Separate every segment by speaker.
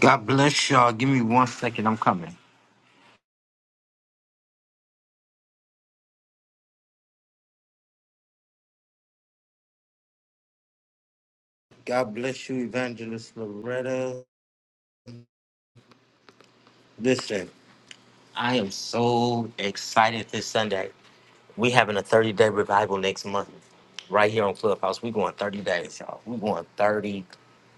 Speaker 1: God bless y'all. Give me one second. I'm coming. God bless you, Evangelist Loretta. Listen, I am so excited this Sunday. We having a 30 day revival next month, right here on Clubhouse. We going 30 days, y'all. We going 30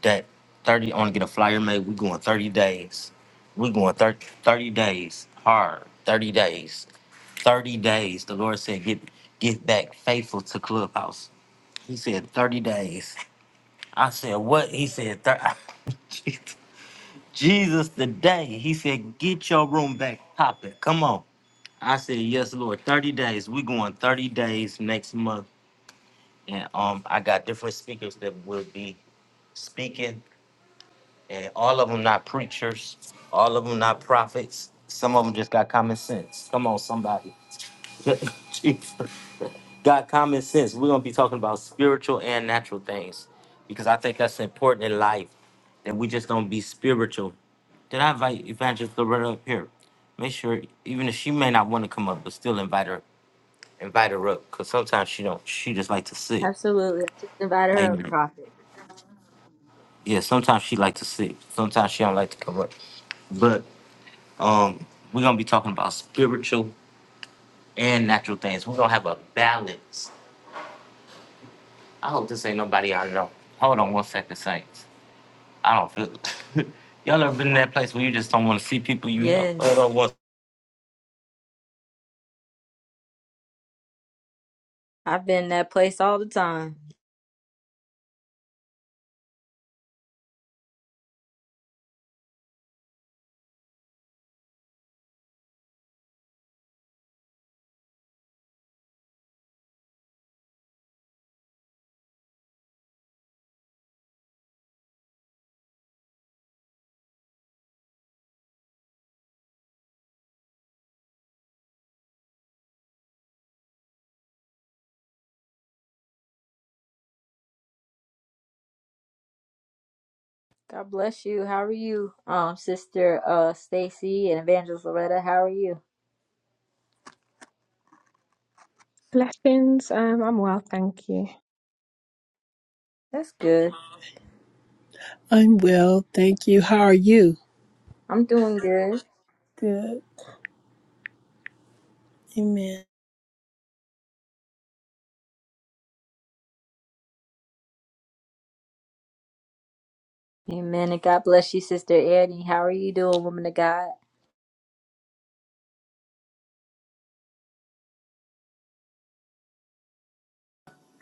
Speaker 1: that 30. I want to get a flyer made. We going 30 days. We going 30, 30 days hard. 30 days. 30 days. The Lord said, get get back faithful to Clubhouse. He said 30 days. I said, what? He said, "Thir- Jesus, today. He said, get your room back popping. Come on. I said, yes, Lord. 30 days. We going 30 days next month. And um, I got different speakers that will be speaking. And all of them not preachers. All of them not prophets. Some of them just got common sense. Come on, somebody. Jesus. God, common sense. We're gonna be talking about spiritual and natural things because I think that's important in life that we just don't be spiritual. Did I invite Evangelist Loretta up here? Make sure, even if she may not want to come up, but still invite her, invite her up, cause sometimes she don't. She just like to sit.
Speaker 2: Absolutely. I just invited her up,
Speaker 1: Amen.
Speaker 2: Prophet.
Speaker 1: Yeah, sometimes she like to sit. Sometimes she don't like to come up. But um, we're gonna be talking about spiritual and natural things. We're gonna have a balance I hope this ain't nobody I know. Hold on one second, Saints. I don't feel. Y'all ever been in that place where you just don't want to see people you know? Hold
Speaker 2: Yes.
Speaker 1: on one-
Speaker 2: I've been in that place all the time. God bless you. How are you? Um, Sister uh Stacy and Evangelist Loretta, how are you?
Speaker 3: Blessings. Um, I'm well, thank you.
Speaker 2: That's good.
Speaker 4: I'm well, thank you. How are you?
Speaker 2: I'm doing good.
Speaker 4: Good. Amen.
Speaker 2: Amen. And God bless you, Sister Eddie. How are you doing, woman of God?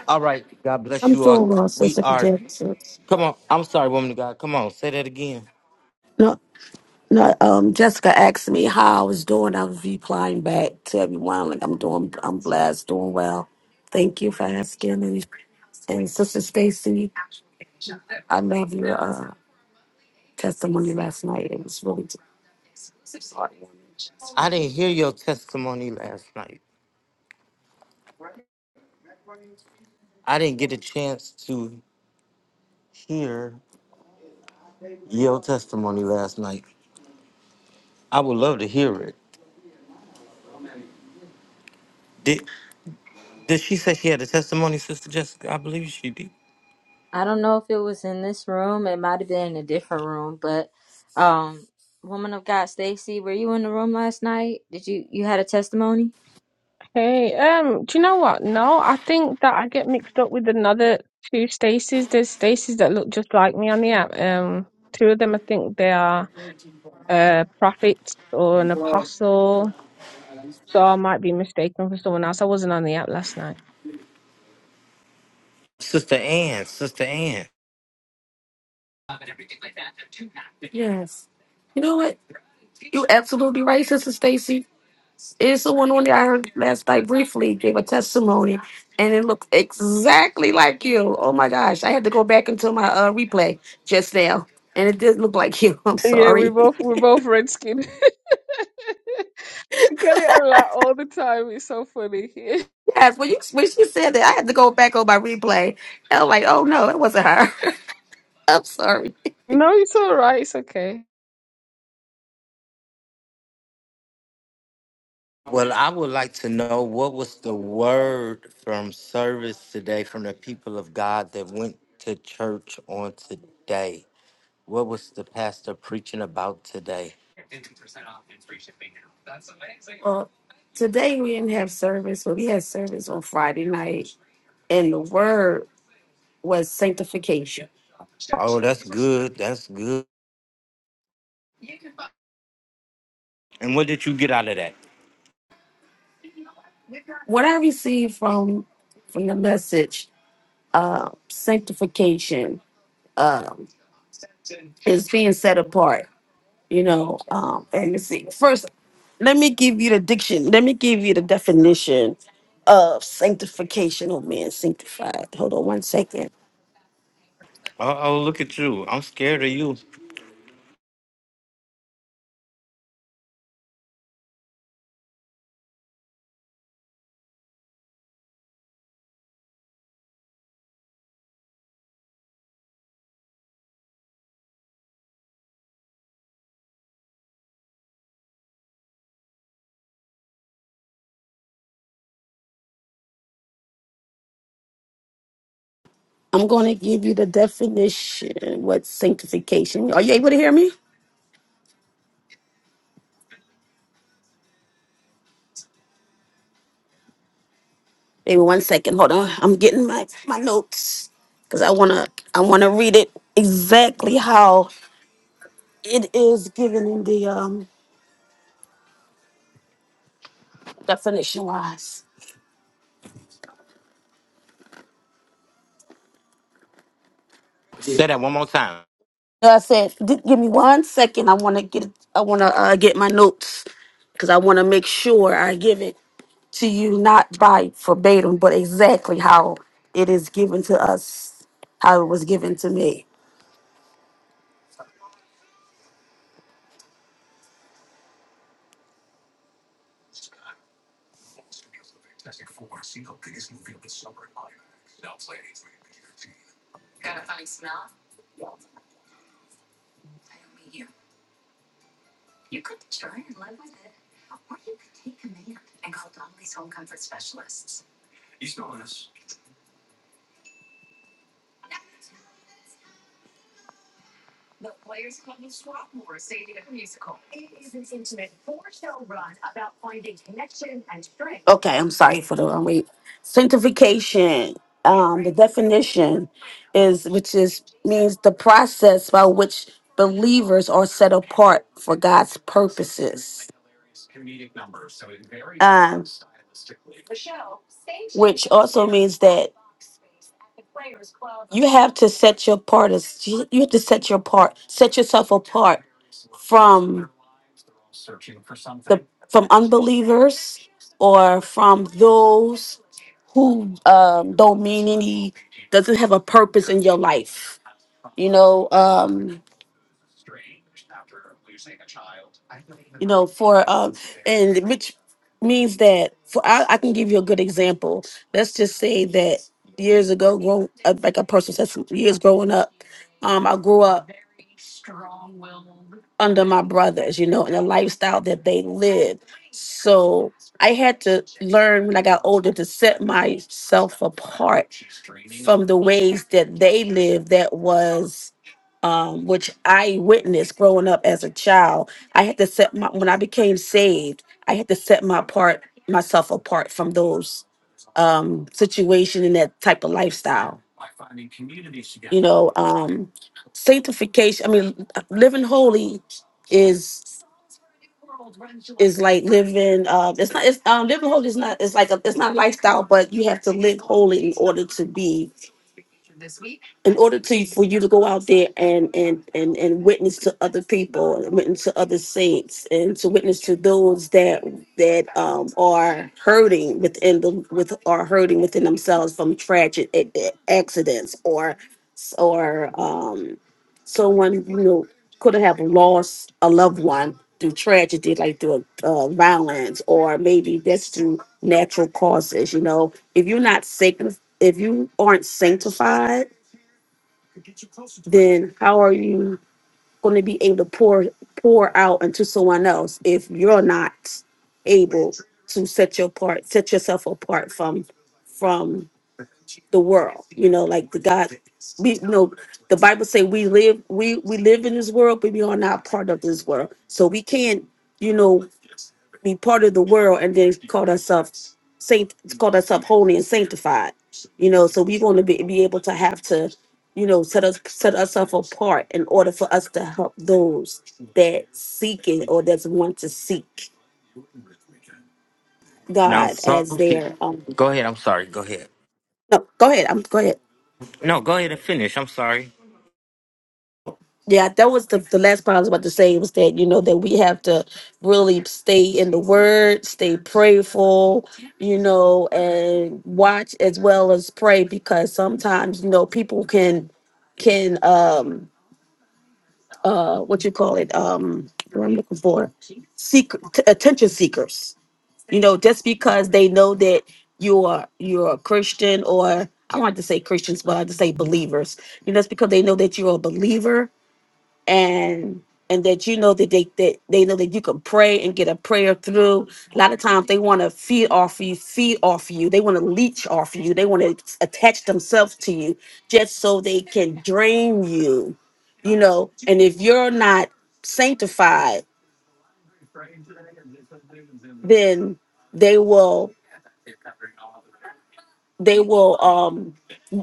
Speaker 1: All right. God bless
Speaker 5: I'm
Speaker 1: you all.
Speaker 5: doing well,
Speaker 1: We
Speaker 5: Sister
Speaker 1: are.
Speaker 5: Jackson.
Speaker 1: Come on. I'm sorry, woman of God. Come on. Say that again.
Speaker 5: No, no. Um, Jessica asked me how I was doing. I was replying back to everyone. Like I'm doing, I'm blessed, doing well. Thank you for asking. And, and Sister Stacy, I love your uh, testimony last night. It was really
Speaker 1: I didn't hear your testimony last night. I didn't get a chance to hear your testimony last night. I would love to hear it. Did, did she say she had a testimony, Sister Jessica? I believe she did.
Speaker 2: I don't know if it was in this room, it might have been in a different room, but um woman of God Stacy, were you in the room last night? Did you you had a testimony?
Speaker 3: Hey, um, do you know what? No, I think that I get mixed up with another two Stacies. There's Stacies that look just like me on the app. Um, two of them, I think they are uh prophets or an apostle. So I might be mistaken for someone else. I wasn't on the app last night.
Speaker 1: Sister Ann. Sister Ann.
Speaker 5: yes. You know what? You're absolutely right, Sister Stacy. It's someone on there I heard last night briefly gave a testimony, and it looked exactly like you. Oh my gosh, I had to go back into my uh, replay just now, and it did look like you. I'm
Speaker 3: Yeah, we
Speaker 5: sorry.
Speaker 3: both we're both red skin. I get it a lot all the time. It's so funny.
Speaker 5: Yes, when you when she said that, I had to go back on my replay. And I'm like, oh no, it wasn't her. I'm sorry.
Speaker 3: no, it's all right. It's okay.
Speaker 1: Well, I would like to know what was the word from service today from the people of God that went to church on today? What was the pastor preaching about today?
Speaker 5: Well, today we didn't have service, but we had service on Friday night, and the word was sanctification.
Speaker 1: Oh, that's good. That's good. And what did you get out of that?
Speaker 5: What I received from from the message, uh, sanctification um, is being set apart, you know. Um, and you see, first, let me give you the diction. Let me give you the definition of sanctification. Oh man, sanctified. Hold on one second.
Speaker 1: Uh oh, look at you. I'm scared of you.
Speaker 5: I'm going to give you the definition. What sanctification? Are you able to hear me? Maybe one second. Hold on. I'm getting my my notes because I wanna I wanna read it exactly how it is given in the um definition wise.
Speaker 1: Say that one more time.
Speaker 5: So I said, "Gi- give me one second. I want to get I want to uh, get my notes because I want to make sure I give it to you not by verbatim, but exactly how it is given to us, how it was given to me. Okay, I'm sorry for the wrong wait. Sanctification is the process by which believers are set apart for God's purposes. Set your part is you have to set your part, set yourself up from unbelievers or from those who um, don't mean means that for I, I can give you a good example. Let's just say that years ago, grow, uh, like a person said, some years growing up, um, I grew up under my brothers, you know, and the lifestyle that they lived. So I had to learn when I got older to set myself apart the ways that they live that was um which I witnessed growing up as a child. I had to set my when I became saved, I had to set my part myself apart from those um situation and that type of lifestyle. You know, um sanctification, I mean living holy is living uh it's not it's um living holy is not it's like a it's not a lifestyle but need to be in order to for you to go out there and and and and witness to other people and witness to other saints and to witness to those that that um are hurting within the with are hurting within themselves from tragic a- a- accidents or or um someone you know could have lost a loved one through tragedy like through uh, violence or maybe that's through natural causes you know if you're not sanctified if you aren't sanctified and how are you going to be able to pour pour out into someone else if you're not able to set your part set yourself apart from from the world? You know, like the Bible say, we live we we live in this world, but we are not part of this world. So we can't, you know, be part of the world and then call ourselves saint it's called ourselves holy and sanctified. You know, so we're going to be, be able to have to, you know, set us set ourselves apart in order for us to help those that seeking or that want to seek
Speaker 1: Now,
Speaker 5: God
Speaker 1: some
Speaker 5: as their
Speaker 1: people.
Speaker 5: um.
Speaker 1: Go ahead. I'm sorry. Go ahead.
Speaker 5: No, go ahead. I'm go ahead.
Speaker 1: No, go ahead and finish. I'm sorry.
Speaker 5: Yeah, that was the, the last part I was about to say was that, you know, that we have to really stay in the word, stay prayerful, you know, and watch as well as pray because sometimes, you know, people can can um uh what you call it um what i'm looking for seek t- attention seekers you know just because they know that you are you're a christian or i don't like to say christians but i just say believers you know it's because they know that you're a believer and and that you know that they that they know that you can pray and get a prayer through. A lot of times they want to feed off you, feed off you. They want to leech off you. They want to attach themselves to you just so they can drain you, you know. And if you're not sanctified, then they will they will um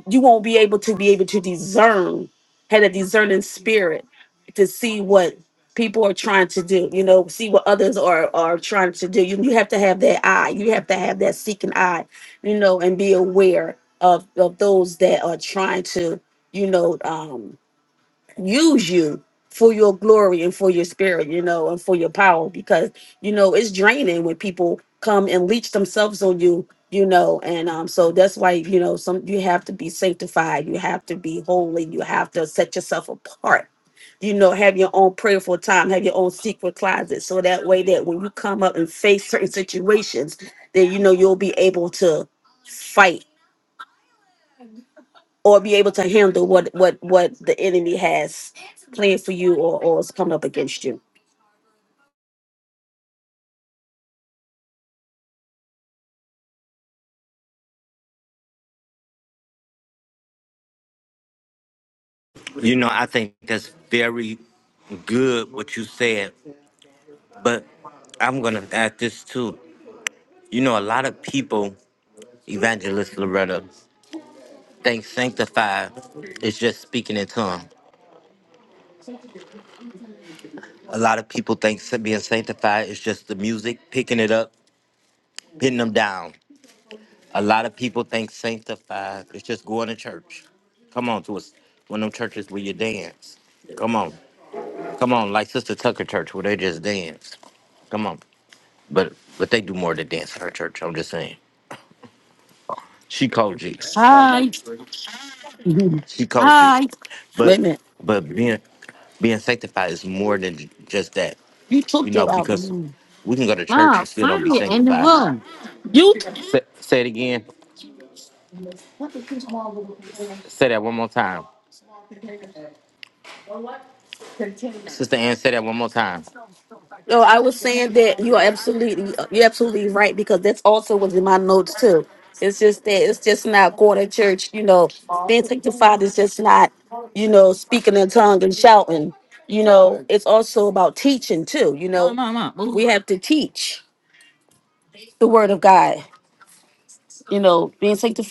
Speaker 5: you won't be able to be able to discern, had a discerning spirit to see what people are trying to do, you know, see what others are are trying to do. You, you have to have that eye. You have to have that seeking eye, you know, and be aware of of those that are trying to, you know, um, use you for your glory and for your spirit, you know, and for your power because you know it's draining when people come and leech themselves on you, you know, and um so that's why you know some you have to be sanctified, you have to be holy, you have to set yourself apart. You know, have your own prayerful time, have your own secret closet. So that way that when you come up and face certain situations, that you know you'll be able to fight or be able to handle what what what the enemy has planned for you or or is coming up against you.
Speaker 1: You know, I think that's very good what you said, but I'm going to add this too. You know, a lot of people, Evangelist Loretta, think sanctified is just speaking in tongues. A lot of people think sa- being sanctified is just the music, picking it up, hitting them down. A lot of people think sanctified is just going to church. Come on to us. One of them churches where you dance. Come on. Come on, like Sister Tucker Church where they just dance. Come on. But but they do more than dance at her church, I'm just saying. She called G. She called you. But
Speaker 5: Amen.
Speaker 1: but being being sanctified is more than just that.
Speaker 5: You
Speaker 1: You
Speaker 5: took
Speaker 1: know,
Speaker 5: that out of
Speaker 1: because
Speaker 5: me.
Speaker 1: we can go to church
Speaker 5: Wow,
Speaker 1: and still don't be
Speaker 5: finally in the
Speaker 1: sanctified.
Speaker 5: room. You. T-
Speaker 1: Say, say it again. Say that one more time. Sister Ann, say that one more time.
Speaker 5: no, I was saying that you are absolutely you're absolutely right because that's also was in my notes too. It's just that it's just not going to church. You know, being sanctified is just not you know speaking in tongue and shouting. You know, it's also about teaching too. You know, Mom, mom, mom. we have to teach the word of God. You know, being sanctified.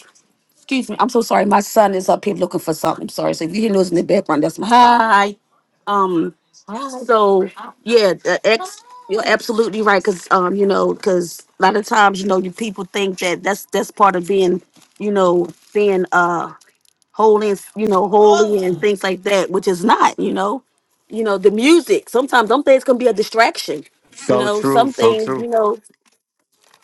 Speaker 5: Excuse me, I'm so sorry. My son is up here looking for something. Sorry. So if you hear noise in the background, that's my hi. Um. So yeah, the ex. You're absolutely right, cause um, you know, cause a lot of times, you know, you people think that that's that's part of being, you know, being uh holy, and, you know, holy and things like that, which is not, you know, you know, the music. Sometimes some things can be a distraction. You
Speaker 1: So
Speaker 5: know,
Speaker 1: true,
Speaker 5: some
Speaker 1: so
Speaker 5: things,
Speaker 1: true.
Speaker 5: you know,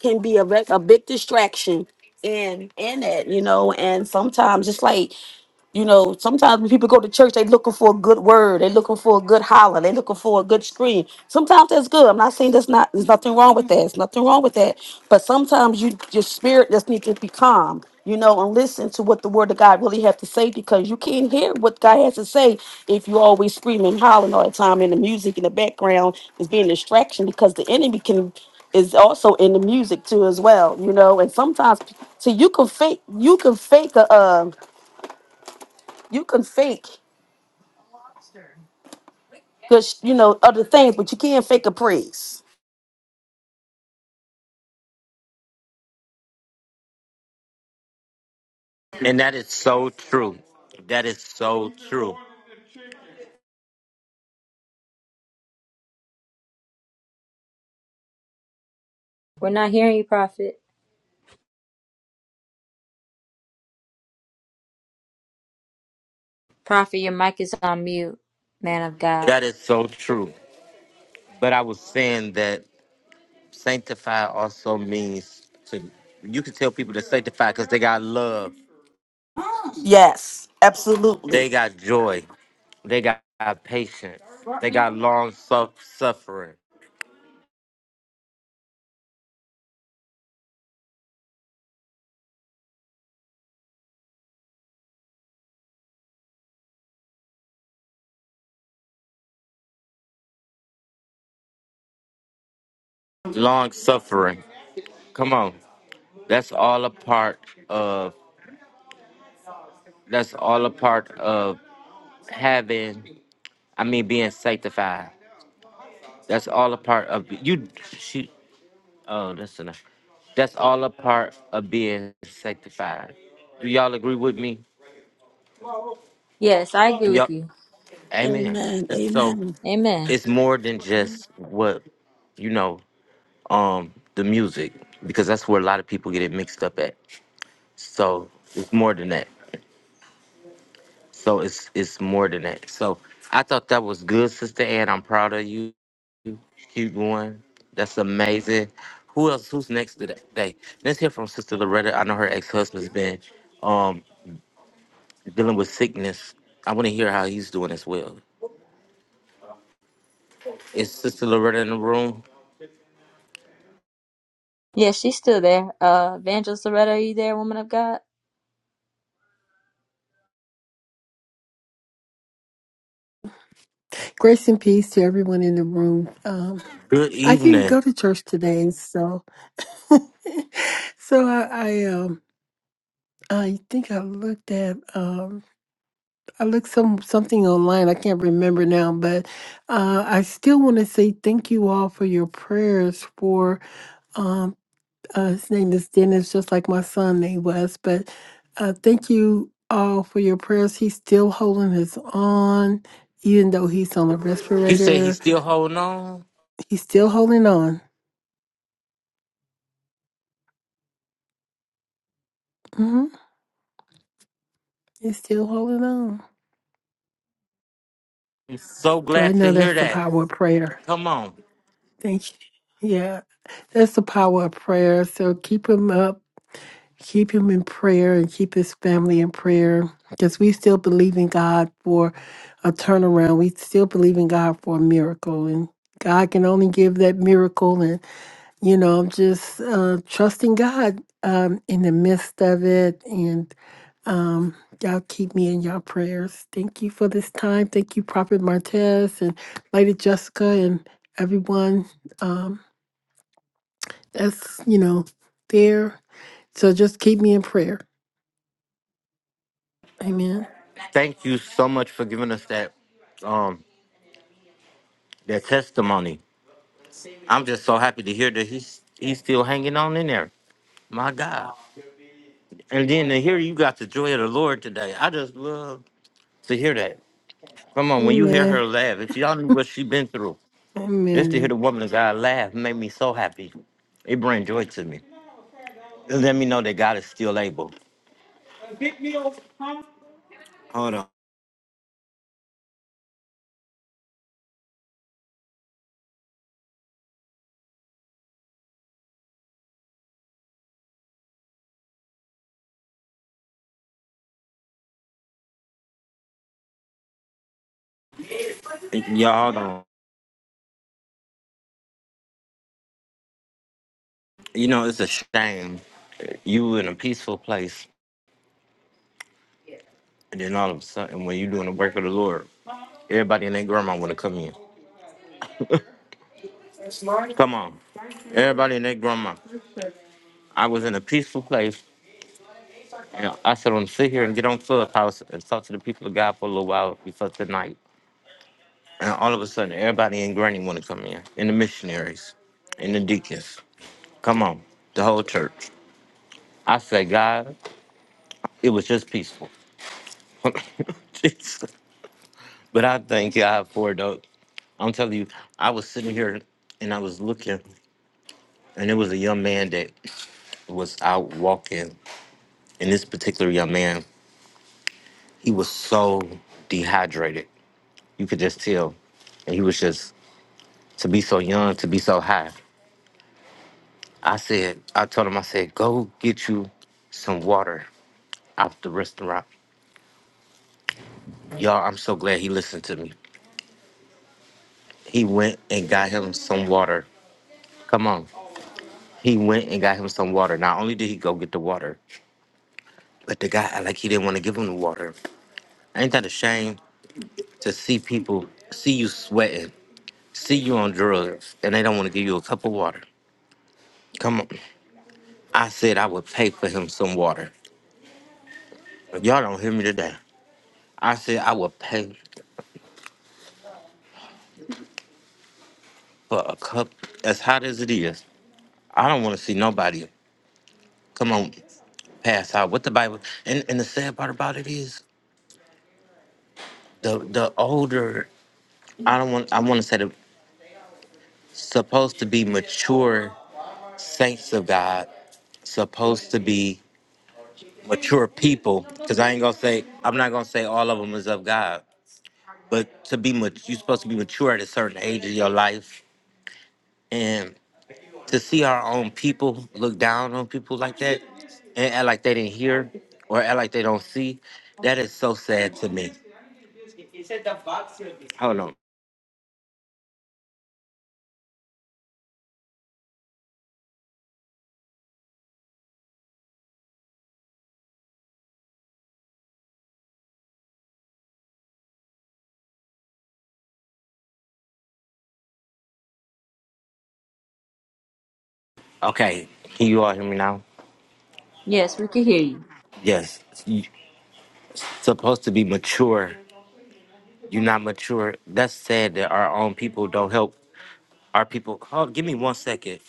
Speaker 5: can be a rec- a big distraction in in it. You know, and sometimes it's like you know, sometimes when people go to church, they looking for a good word, they looking for a good holler, they looking for a good scream. Sometimes that's good. I'm not saying that's not. There's nothing wrong with that. There's nothing wrong with that. But sometimes you your spirit just needs to be calm. You know, and listen to what the word of God really have to say because you can't hear what God has to say if you are always screaming, hollering all the time, and the music in the background is being a distraction because the enemy can is also in the music too as well. You know, and sometimes so you can fake you can fake a. Uh, you can fake good, sh- you know, other things, but you can't fake a praise.
Speaker 1: And that is so true. That is so true.
Speaker 2: We're not hearing you, Prophet. Prophet, your mic is on mute, man of God.
Speaker 1: That is so true. But I was saying that sanctify also means to you can tell people to sanctify because they got love.
Speaker 5: Yes, absolutely.
Speaker 1: They got joy. They got patience. They got long suf- suffering. Long suffering. Come on. That's all a part of that's all a part of having I mean being sanctified. That's all a part of you she oh that's enough. That's all a part of being sanctified. Do y'all agree with me?
Speaker 2: Yes, I agree
Speaker 1: Do
Speaker 2: with
Speaker 1: y'all
Speaker 2: you.
Speaker 1: Amen.
Speaker 5: Amen.
Speaker 1: It's so
Speaker 5: Amen.
Speaker 2: Amen.
Speaker 1: it's more than just what you know um the music because that's where a lot of people get it mixed up at. So it's more than that. So it's it's more than that. So I thought that was good, sister Ann. I'm proud of you. Keep going. That's amazing. Who else? Who's next today? Let's hear from Sister Loretta. I know her ex-husband's been um dealing with sickness. I want to hear how he's doing as well. Is Sister Loretta in the room?
Speaker 2: Yes, she's still there. Uh, Evangelist Loretta, are you there, woman of God?
Speaker 4: Grace and peace to everyone in the room. Um,
Speaker 1: Good
Speaker 4: I didn't
Speaker 1: evening.
Speaker 4: go to church today, so so I, I um I think I looked at um I looked some something online. I can't remember now, but uh, I still want to say thank you all for your prayers for um, Uh, his name is Dennis, just like my son name was. But uh, thank you all for your prayers. He's still holding his on, even though he's on a
Speaker 1: You say he's
Speaker 4: respirator.
Speaker 1: still holding on?
Speaker 4: He's still holding on. hmm He's still holding on.
Speaker 1: I'm so
Speaker 4: So I
Speaker 1: glad to
Speaker 4: know
Speaker 1: hear
Speaker 4: that's the
Speaker 1: that.
Speaker 4: power of prayer.
Speaker 1: Come on.
Speaker 4: Thank you. Yeah, that's the power of prayer. So keep him up. keep him in prayer and keep his family in prayer because we still believe in God for a turnaround. We still believe in God for a miracle, and God can only give that miracle. And you know, I'm just uh, trusting God um, in the midst of it, and um, y'all keep me in your prayers. Thank you for this time. Thank you, Prophet Martez and Lady Jessica and everyone um, that's you know there. So just keep me in prayer. Amen.
Speaker 1: Thank you so much for giving us that um that testimony. I'm just so happy to hear that he's he's still hanging on in there. My God. And then to hear you got the joy of the Lord today. I just love to hear that. Come on, when you hear her
Speaker 4: Amen.
Speaker 1: laugh, if y'all knew what she been through, just to hear
Speaker 4: Amen.
Speaker 1: the woman of God laugh made me so happy. It bring joy to me. It let me know that God is still able. Hold on. Y'all hold on. You know, it's a shame. You in a peaceful place. And then all of a sudden, when you're doing the work of the Lord, everybody and their grandma want to come in. Come on. Everybody and their grandma. I was in a peaceful place. And I said, I'm going to sit here and get on Clubhouse and talk to the people of God for a little while before tonight. And all of a sudden, everybody and granny want to come in, and the missionaries, and the deacons. Come on, the whole church. I said, God, it was just peaceful. Jesus. but I thank God for it, though. I'm telling you, I was sitting here and I was looking. and it was a young man that was out walking and this particular young man he was so dehydrated you could just tell and he was just to be so young to be so high i said i told him i said go get you some water out the restaurant y'all i'm so glad he listened to me he went and got him some water come on he went and got him some water not only did he go get the water but the guy like he didn't want to give him the water ain't that a shame to see people see you sweating see you on drugs and they don't want to give you a cup of water. Come on. I said I would pay for him some water. Y'all don't hear me today. I said I would pay for a cup as hot as it is. I don't want to see nobody come on pass out with the Bible. And and the sad part about it is the the older I don't want I want to say the supposed to be mature saints of God supposed to be mature people because i ain't gonna say i'm not gonna say all of them is of god but to be mat- you're supposed to be mature at a certain age of your life, and to see our own people look down on people like that, and act like they didn't hear or act like they don't see, that is so sad to me. Hold on. Okay, can you all hear me now?
Speaker 2: Yes, we can hear you.
Speaker 1: Yes, you supposed to be mature. You're not mature. That's sad that our own people don't help our people. Hold, give me one second.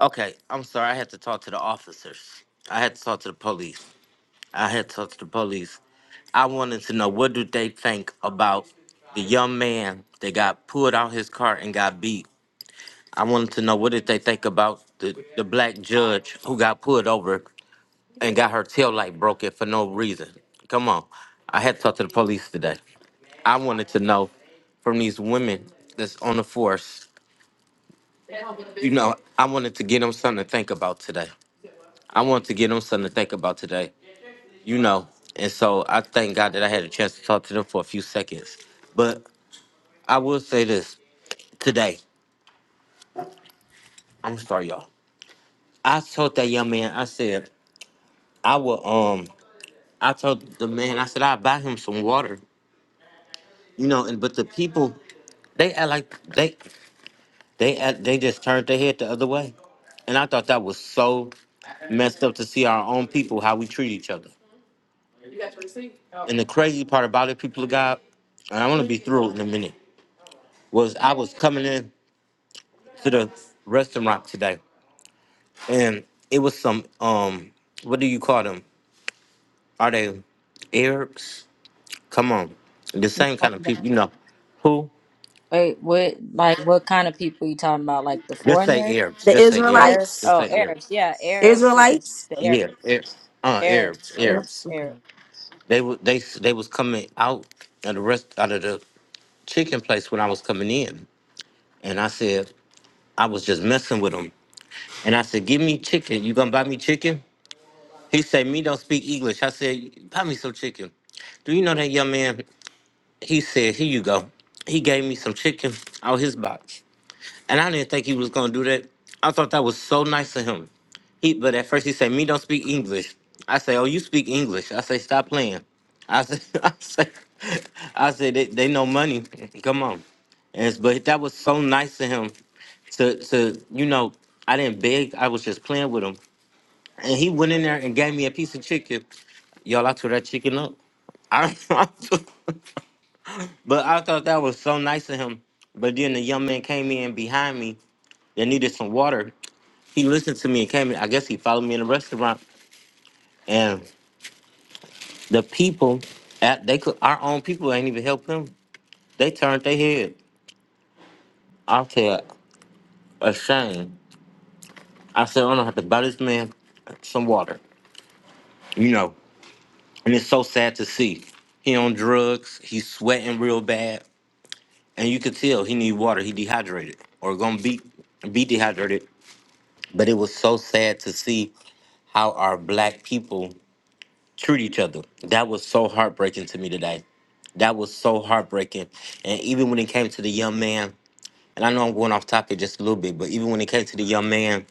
Speaker 1: Okay, I'm sorry. I had to talk to the officers. I had to talk to the police. I had touched the police. I wanted to know what do they think about the young man that got pulled out his car and got beat. I wanted to know what did they think about the, the black judge who got pulled over and got her tail light broken for no reason. Come on. I had to talk to the police today. I wanted to know from these women that's on the force. You know, I wanted to get them something to think about today. I wanted to get them something to think about today. you know. And so I thank God that I had a chance to talk to them for a few seconds. But I will say this today. I'm sorry, y'all. I told that young man, I said, I will um I told the man, I said I'll buy him some water. You know, and but the people, they act like they they act, they just turned their head the other way. And I thought that was so messed up to see our own people how we treat each other. And the crazy part about it, people of God, and I'm gonna be through it in a minute, was I was coming in. to the restaurant today, and it was some um, what do you call them? Are they Arabs? Come on, the same kind of people, you know. Who?
Speaker 2: Wait, what? Like, what kind of people you talking about? Like the
Speaker 1: Just
Speaker 2: foreigners,
Speaker 1: say Arabs.
Speaker 5: The
Speaker 1: Just say Arabs.
Speaker 2: Arabs?
Speaker 1: Just
Speaker 5: Israelites,
Speaker 2: Oh,
Speaker 1: say Arabs.
Speaker 2: Arabs. Yeah, Arabs. Yes,
Speaker 5: Israelites.
Speaker 2: the
Speaker 1: Yeah,
Speaker 2: Arabs,
Speaker 1: Arabs. Uh, Arabs.
Speaker 2: Arabs,
Speaker 1: Arabs.
Speaker 5: Absolutely.
Speaker 2: Arabs.
Speaker 1: They were they s- they was coming out of the rest out of the chicken place when I was coming in, and I said I was just messing with them, and I said, "Give me chicken. You gonna buy me chicken?" He said, "Me don't speak English." I said, "Buy me some chicken." Do you know that young man? He said, "Here you go." He gave me some chicken out his box, and I didn't think he was gonna do that. I thought that was so nice of him. He, but at first he said, "Me don't speak English." I say, "Oh, you speak English?" I say, "Stop playing." I said, "I said, I said they, they know money. Come on." And but that was so nice of him to to you know. I didn't beg. I was just playing with him and he went in there and gave me a piece of chicken. Y'all, I tore that chicken up. I, but I thought that was so nice of him. But then the young man came in behind me that needed some water. He listened to me and came in. I guess he followed me in the restaurant. And the people, at they could our own people ain't even help him. They turned their head. I said, a shame. I said, "Oh, no, I don't have to buy this man some water. You know, and it's so sad to see. He on drugs. He's sweating real bad. and you could tell he need water. He dehydrated or gonna be be dehydrated. But it was so sad to see how our black people treat each other. That was so heartbreaking to me today. That was so heartbreaking. And even when it came to the young man, and I know I'm going off topic just a little bit, but even when it came to the young man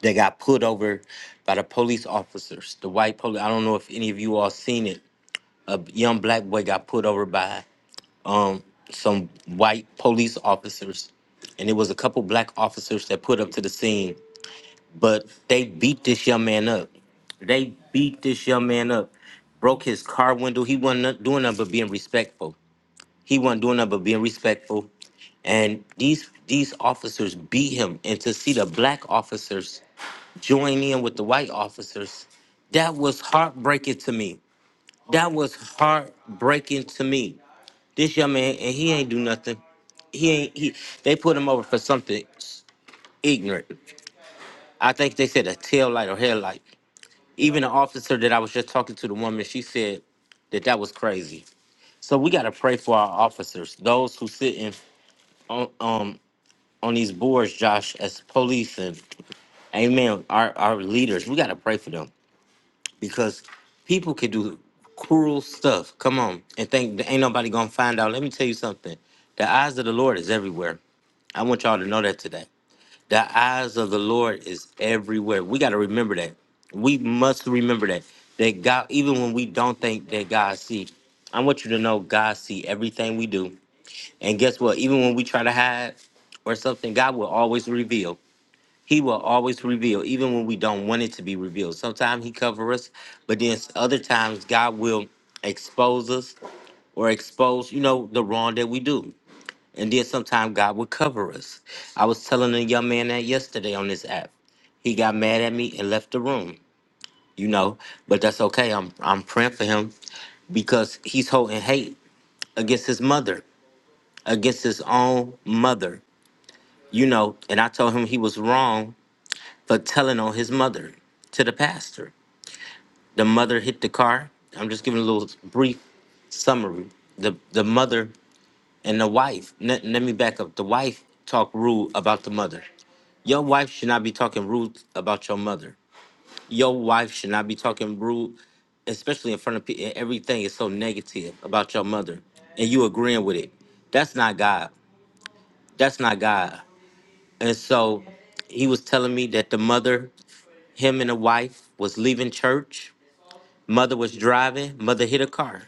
Speaker 1: that got pulled over by the police officers, the white police, I don't know if any of you all seen it. A young black boy got pulled over by um some white police officers and it was a couple black officers that put up to the scene but they beat this young man up they beat this young man up broke his car window he wasn't no- doing nothing but being respectful he wasn't doing nothing but being respectful and these these officers beat him and to see the black officers join in with the white officers that was heartbreaking to me that was heartbreaking to me this young man, and he ain't do nothing. He ain't. He they put him over for something ignorant. I think they said a tail light or headlight. Even the officer that I was just talking to, the woman, she said that that was crazy. So we gotta pray for our officers, those who sit in on um on these boards, Josh, as police and amen, our our leaders. We gotta pray for them because people can do cruel stuff. Come on, and think that ain't nobody gonna find out. Let me tell you something. The eyes of the Lord is everywhere. I want y'all to know that today. The eyes of the Lord is everywhere. We got to remember that. We must remember that. That God, even when we don't think that God see, I want you to know God see everything we do. And guess what? Even when we try to hide or something, God will always reveal. He will always reveal, even when we don't want it to be revealed. Sometimes He cover us, but then other times God will expose us or expose, you know, the wrong that we do. And then sometime God would cover us. I was telling a young man that yesterday on this app. He got mad at me and left the room, you know, but that's okay. I'm I'm praying for him because he's holding hate against his mother, against his own mother, you know, and I told him he was wrong for telling on his mother to the pastor. The mother hit the car. I'm just giving a little brief summary. The the mother and the wife. Let, let me back up. The wife talked rude about the mother. Your wife should not be talking rude about your mother. Your wife should not be talking rude, especially in front of people. Everything is so negative about your mother, and you agreeing with it. That's not God. That's not God. And so he was telling me that the mother, him and the wife, was leaving church. Mother was driving. Mother hit a car.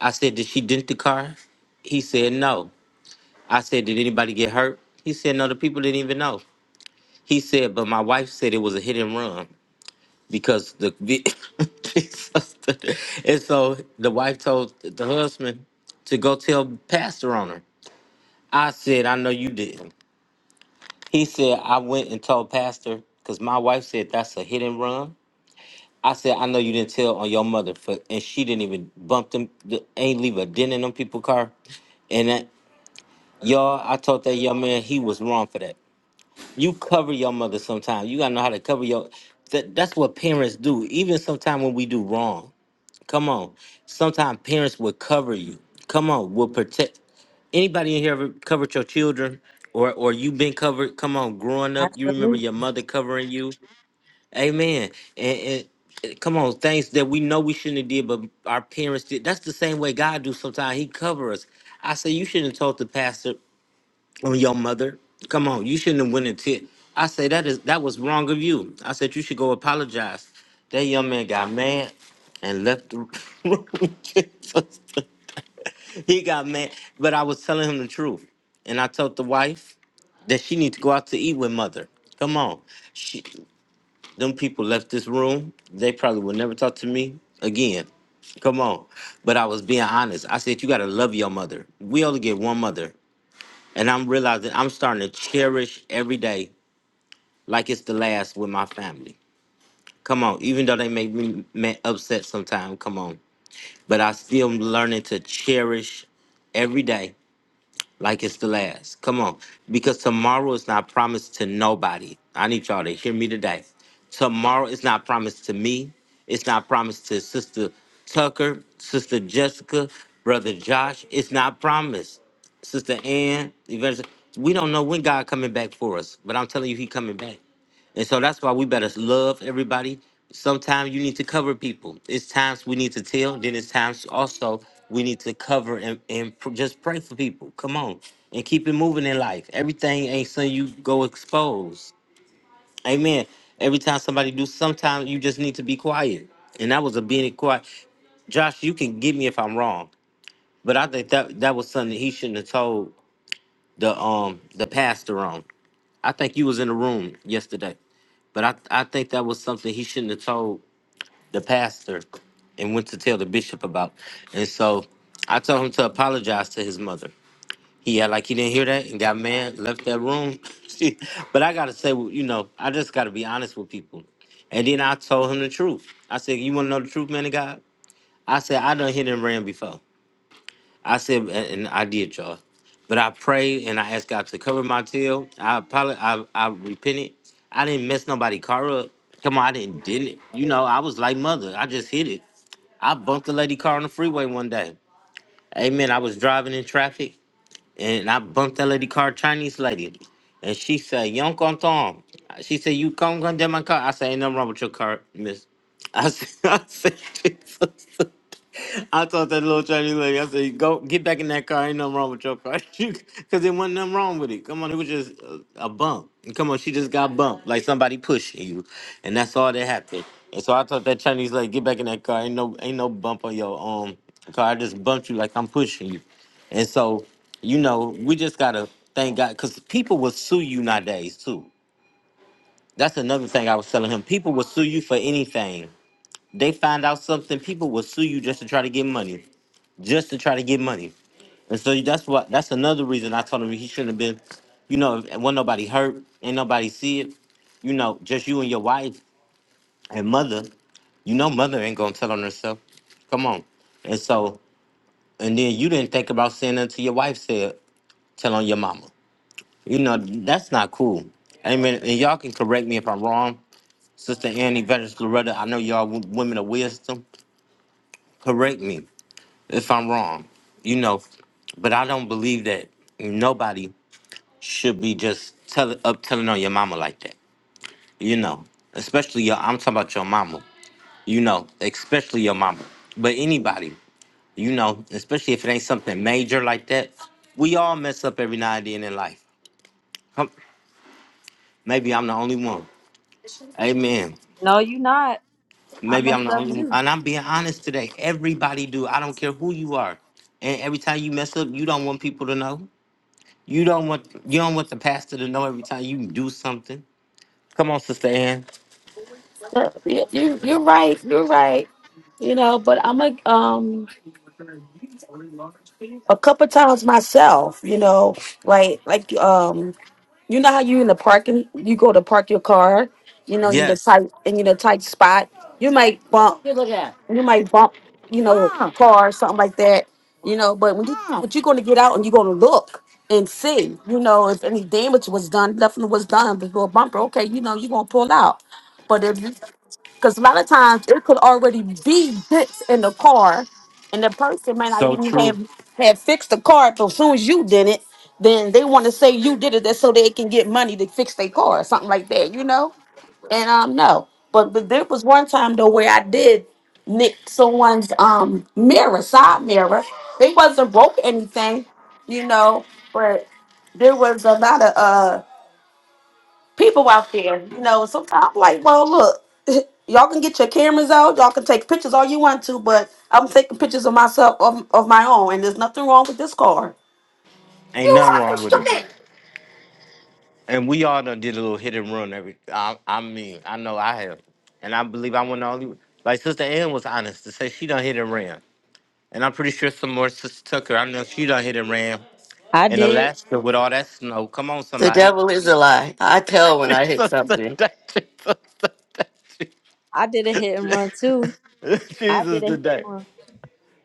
Speaker 1: I said, Did she dent the car? He said, No. I said, Did anybody get hurt? He said, No, the people didn't even know. He said, But my wife said it was a hit and run. because the vi- Jesus. and so the wife told the husband to go tell pastor on her. I said, I know you didn't. He said, I went and told pastor because my wife said that's a hit and run. I said, I know you didn't tell on your mother, for, and she didn't even bump them, the- ain't leave a dent in them people car. And that, y'all, I told that young man he was wrong for that. You cover your mother sometimes. You gotta know how to cover your. That, that's what parents do. Even sometimes when we do wrong, Come on. Sometimes parents will cover you. Come on, will protect. Anybody in here ever covered your children, or or you been covered? Come on, growing up, you remember
Speaker 2: Absolutely.
Speaker 1: your mother covering you. Amen. And, and eh, come on, things that we know we shouldn't have did, but our parents did. That's the same way God do. Sometimes He cover us. I say you shouldn't have told the pastor on your mother. Come on, you shouldn't have went and tit. I say that is that was wrong of you. I said you should go apologize. That young man got mad and left the room. Jesus. he got mad, but I was telling him the truth, and I told the wife that she need to go out to eat with mother. Come on, she, them people left this room. They probably will never talk to me again. Come on, but I was being honest. I said you gotta love your mother. We only get one mother. And I'm realizing I'm starting to cherish every day like it's the last with my family. Come on, even though they make me ma- upset sometimes, come on. But I still am learning to cherish every day like it's the last. Come on. Because tomorrow is not promised to nobody. I need y'all to hear me today. Tomorrow is not promised to me. It's not promised to Sister Tucker, Sister Jessica, Brother Josh. It's not promised. Sister Ann, Evangelist. We don't know when God coming back for us, but I'm telling you, He coming back. And so that's why we better love everybody. Sometimes you need to cover people. It's times we need to tell, then it's times also we need to cover and, and pr- just pray for people. Come on. And keep it moving in life. Everything ain't something you go expose. Amen. Every time somebody do, sometimes you just need to be quiet. And that was a being quiet. Josh, you can get me if I'm wrong, but I think that that was something that he shouldn't have told the um the pastor on. I think you was in the room yesterday. But I, I think that was something he shouldn't have told the pastor and went to tell the bishop about. And so I told him to apologize to his mother. He act like he didn't hear that and got mad, left that room. but I gotta say, well, you know, I just gotta be honest with people. And then I told him the truth. I said, You wanna know the truth, man of God? I said, I done hit and ran before. I said, and I did, y'all. But I prayed and I asked God to cover my tail. I probably, I, I repented. I didn't mess nobody car up. Come on, I didn't, did it. You know, I was like mother. I just hit it. I bumped the lady car on the freeway one day. Amen. I was driving in traffic and I bumped that lady car, Chinese lady, and she said, "Young on Tom." She said, "You come gun down my car." I said, "Ain't nothing wrong with your car, Miss." I said, "I said, Jesus." I told that little Chinese lady, I said, "Go get back in that car. Ain't nothing wrong with your car, because there wasn't nothing wrong with it. Come on, it was just a, a bump. And come on, she just got bumped, like somebody pushing you, and that's all that happened." And so I told that Chinese lady, "Get back in that car. Ain't no, ain't no bump on your um car. I just bumped you like I'm pushing you." And so, you know, we just gotta thank God because people will sue you nowadays too. That's another thing I was telling him. People will sue you for anything. They find out something, people will sue you just to try to get money, just to try to get money. And so that's what that's another reason I told him he shouldn't have been. You know, if when nobody hurt, ain't nobody see it. You know, just you and your wife and mother. You know, mother ain't gonna tell on herself. Come on. And so, and then you didn't think about saying until your wife said, "Tell on your mama." You know, that's not cool. I mean, and y'all can correct me if I'm wrong. Sister Annie Veterans Loretta, I know y'all w- women of wisdom. Correct me if I'm wrong. You know, but I don't believe that nobody should be just tell, up telling on your mama like that. You know, especially your, I'm talking about your mama. You know, especially your mama. But anybody, you know, especially if it ain't something major like that, we all mess up every now and then in life. Come, maybe I'm the only one. Amen.
Speaker 2: No, you not. I
Speaker 1: Maybe
Speaker 2: messed
Speaker 1: I'm the
Speaker 2: up
Speaker 1: only one.
Speaker 2: too.
Speaker 1: And I'm being honest today. Everybody do. I don't care who you are. And every time you mess up, you don't want people to know. You don't want you don't want the pastor to know every time you do something. Come on, Sister Ann.
Speaker 5: You, you, you're right. You're right. You know, but I'm a um, A couple times myself, you know, like like um. You know how you in the parking, you go to park your car, you know, in the
Speaker 1: Yes.
Speaker 5: tight and in a tight spot. You might bump. You look at. You might bump, you know, a Mm. car or something like that. You know, but when you Mm. but you're gonna get out and you're gonna look and see, you know, if any damage was done, nothing was done before a bumper. Okay, you know, you're gonna pull out. But if because a lot of times it could already be bits in the car, and the person might not
Speaker 1: So
Speaker 5: even
Speaker 1: true.
Speaker 5: have have fixed the car. But as soon as you did it, then they want to say you did it, that's so they can get money to fix their car or something like that, you know. And um, no, but but there was one time though where I did nick someone's um mirror, side mirror. They wasn't broke anything, you know, but there was a lot of uh people out there, you know, sometimes I'm like, well, look, y'all can get your cameras out, y'all can take pictures all you want to, but I'm taking pictures of myself of, of my own, and there's nothing wrong with this car.
Speaker 1: Ain't
Speaker 5: You
Speaker 1: nothing
Speaker 5: are
Speaker 1: wrong with it.
Speaker 5: stupid.
Speaker 1: And we all done did a little hit and run every I, I mean, I know I have. And I believe I went the only like Sister Ann was honest to say she done hit and ran. And I'm pretty sure some more Sister Tucker, I know she done hit and ran
Speaker 2: I
Speaker 1: in
Speaker 2: did.
Speaker 1: Alaska with all that snow. Come on,
Speaker 6: The
Speaker 1: somebody.
Speaker 6: devil is a lie. I tell when I hit
Speaker 1: Jesus
Speaker 6: something,
Speaker 1: today. Jesus
Speaker 2: I did a hit and
Speaker 1: today.
Speaker 2: run too. I
Speaker 1: Jesus
Speaker 2: did a hit and
Speaker 1: today.
Speaker 2: run.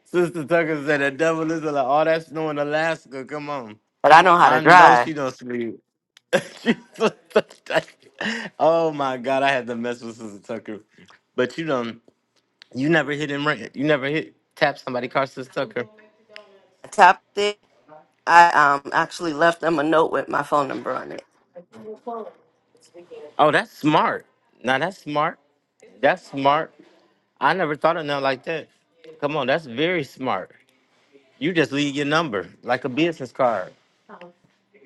Speaker 1: Sister Tucker said the devil is like, all that snow in Alaska. Come on.
Speaker 6: but I know how
Speaker 1: I
Speaker 6: to
Speaker 1: know she
Speaker 6: drive.
Speaker 1: don't sleep. Jesus today. Oh my God, I had to mess with Sister Tucker. But you don't, you never hit him right. You never hit, tap somebody, car Sister Tucker.
Speaker 6: I tapped it. I um actually left them a note with my phone number on it.
Speaker 1: Oh, that's smart. Now that's smart. That's smart. I never thought of nothing like that. Come on, that's very smart. You just leave your number like a business card.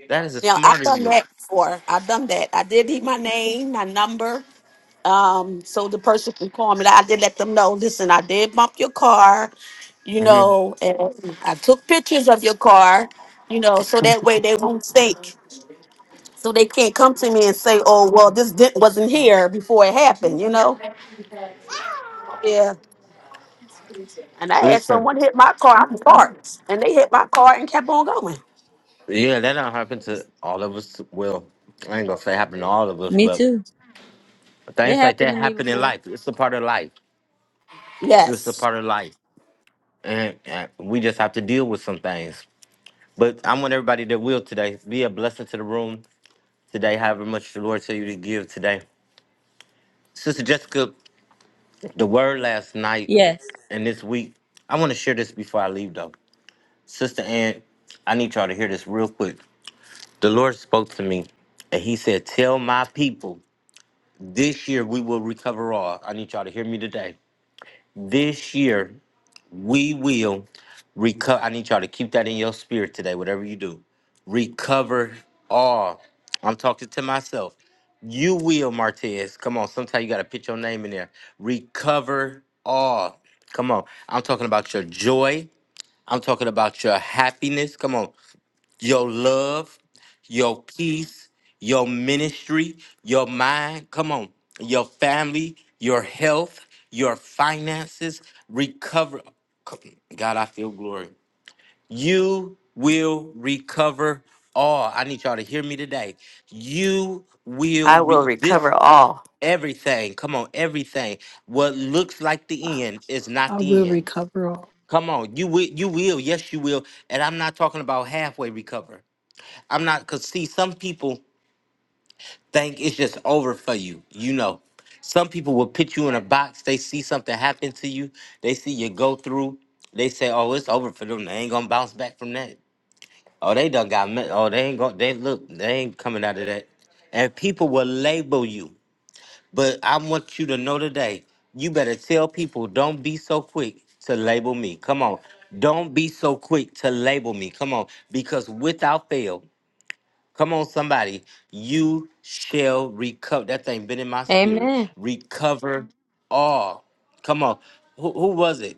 Speaker 1: That is a
Speaker 5: Now I've
Speaker 1: smart of
Speaker 5: done
Speaker 1: you.
Speaker 5: that before. I've done that. I did need my name, my number, um, so the person can call me. I did let them know. Listen, I did bump your car, you
Speaker 1: hmm
Speaker 5: know, and I took pictures of your car, you know, so that way they won't think. So they can't come to me and say, oh, well, this dent wasn't here before it happened, you know? Yeah. And I had
Speaker 1: Listen,
Speaker 5: someone hit my car, I'm parked, and they hit my car and kept on going.
Speaker 1: yeah, that don't happen to all of us. Well, I ain't gonna say happen to all of us,
Speaker 2: Me
Speaker 1: but
Speaker 2: too. It
Speaker 1: things like
Speaker 2: happened
Speaker 1: that
Speaker 2: to me
Speaker 1: happen in
Speaker 2: before.
Speaker 1: life. It's a part of life. It's a
Speaker 5: Yes.
Speaker 1: part of life, and, and we just have to deal with some things. But I want everybody that will today be a blessing to the room today. However much the Lord tell you to give today, Sister Jessica, the word last night
Speaker 2: Yes.
Speaker 1: and this week. I want to share this before I leave though. Sister Ann, I need y'all to hear this real quick. The Lord spoke to me and he said, Tell my people this year we will recover all. I need y'all to hear me today. This year we will recover. I need y'all to keep that in your spirit today, whatever you do. Recover all. I'm talking to myself. You will, Martez. Come on. Sometimes you got to put your name in there. Recover all. Come on. I'm talking about your joy. I'm talking about your happiness. Come on. your love, your peace, your ministry, your mind, come on, your family, your health, your finances, recover. God, I feel glory. You will recover all. I need y'all to hear me today. You will
Speaker 6: I will
Speaker 1: re- this
Speaker 6: recover all.
Speaker 1: everything. Come on, everything. What looks like the end is not
Speaker 4: I will
Speaker 1: the end.
Speaker 4: recover all.
Speaker 1: Come on, you will you will, yes you will. And I'm not talking about halfway recover. I'm not because see, some people think it's just over for you. You know, some people will put you in a box. They see something happen to you. They see you go through. They say, "Oh, it's over for them. They ain't gonna bounce back from that. Oh, they done got. Me- oh, they ain't going They look. They ain't coming out of that." And people will label you. But I want you to know today, you better tell people, don't be so quick to label me. Come on. Don't be so quick to label me. Come on. Because without fail, Come on, somebody. You shall recover. That thing been in my spirit.
Speaker 2: Amen.
Speaker 1: Recover all. Come on. Who, who was it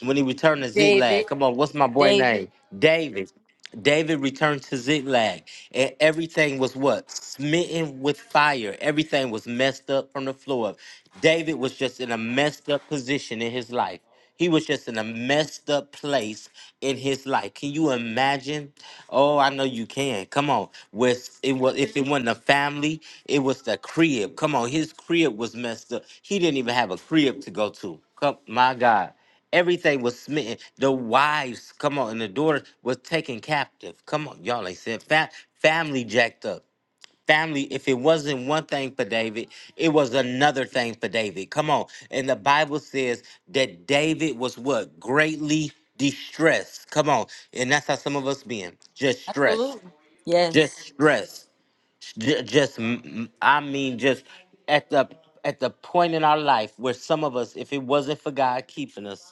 Speaker 1: when he returned to Ziklag?
Speaker 2: David.
Speaker 1: Come on. What's my boy
Speaker 2: David.
Speaker 1: name? David. David returned to Ziklag, and everything was what? Smitten with fire. Everything was messed up from the floor up. David was just in a messed up position in his life. He was just in a messed up place in his life. Can you imagine? Oh, I know you can. Come on. With it was if it wasn't a family, it was the crib. Come on, his crib was messed up. He didn't even have a crib to go to. Come, my God. Everything was smitten. The wives, come on, and the daughters was taken captive. Come on, y'all ain't said fa- family jacked up. Family, if it wasn't one thing for David, it was another thing for David. Come on. And the Bible says that David was what? Greatly distressed. Come on. And that's how some of us being. Just stressed.
Speaker 2: Absolutely.
Speaker 1: Just
Speaker 2: Yes.
Speaker 1: stressed. Ju- Just, mm, mm, I mean, just at the at the point in our life where some of us, if it wasn't for God keeping us,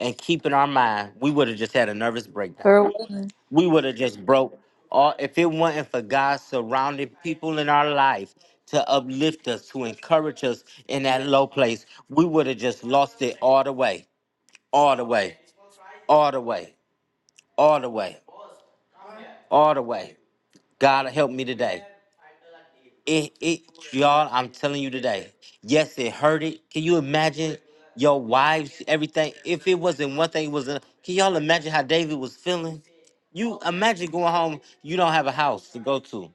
Speaker 1: and keeping our mind, we would have just had a nervous breakdown.
Speaker 2: For one.
Speaker 1: We would have just broke all if it wasn't for God surrounding people in our life to uplift us, to encourage us in that low place, we would have just lost it all the way, all the way, all the way, all the way, all the way. God help me today. It it y'all, I'm telling you today. Yes, it hurted. Can you imagine your wives, everything? If it wasn't one thing, it was a, can y'all imagine how David was feeling? You imagine going home, you don't have a house to go to,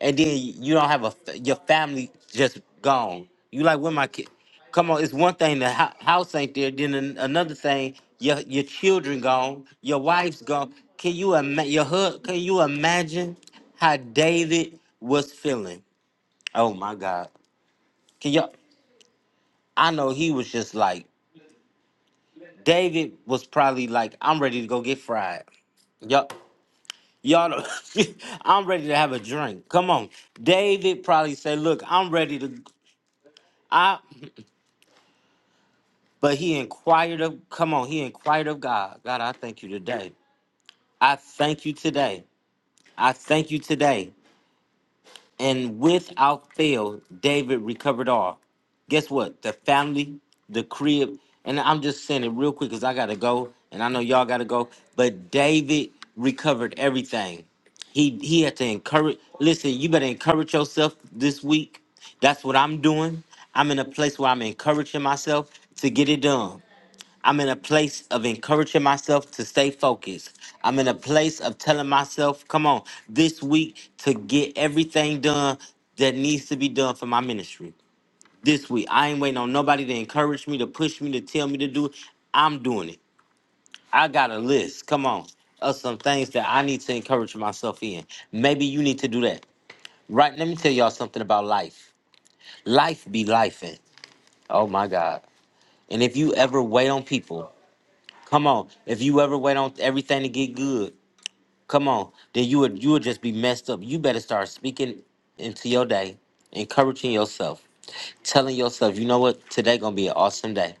Speaker 1: and then you don't have a f- your family just gone. You like where my kid? Come on, it's one thing the ho- house ain't there. Then an- another thing, your your children gone, your wife's gone. Can you imagine your hood? Can you imagine how David was feeling? Oh my God. Can y'all, I know he was just like, David was probably like, I'm ready to go get fried. Yup. Y'all, know- I'm ready to have a drink. Come on. David probably said, Look, I'm ready to, I, but he inquired of, come on, he inquired of God. God, I thank you today. I thank you today. I thank you today. And without fail, David recovered all. Guess what? The family, the crib, and I'm just saying it real quick because I gotta go, and I know y'all gotta go. But David recovered everything. He he had to encourage. Listen, you better encourage yourself this week. That's what I'm doing. I'm in a place where I'm encouraging myself to get it done. I'm in a place of encouraging myself to stay focused. I'm in a place of telling myself, come on, this week to get everything done that needs to be done for my ministry. This week, I ain't waiting on nobody to encourage me, to push me, to tell me to do it. I'm doing it. I got a list. Come on. Of some things that I need to encourage myself in. Maybe you need to do that. Right? Let me tell y'all something about life. Life be life. Oh my God. And if you ever wait on people, Come on. If you ever wait on everything to get good, come on, then you would you would just be messed up. You better start speaking into your day, encouraging yourself, telling yourself, you know what, today gonna be an awesome day.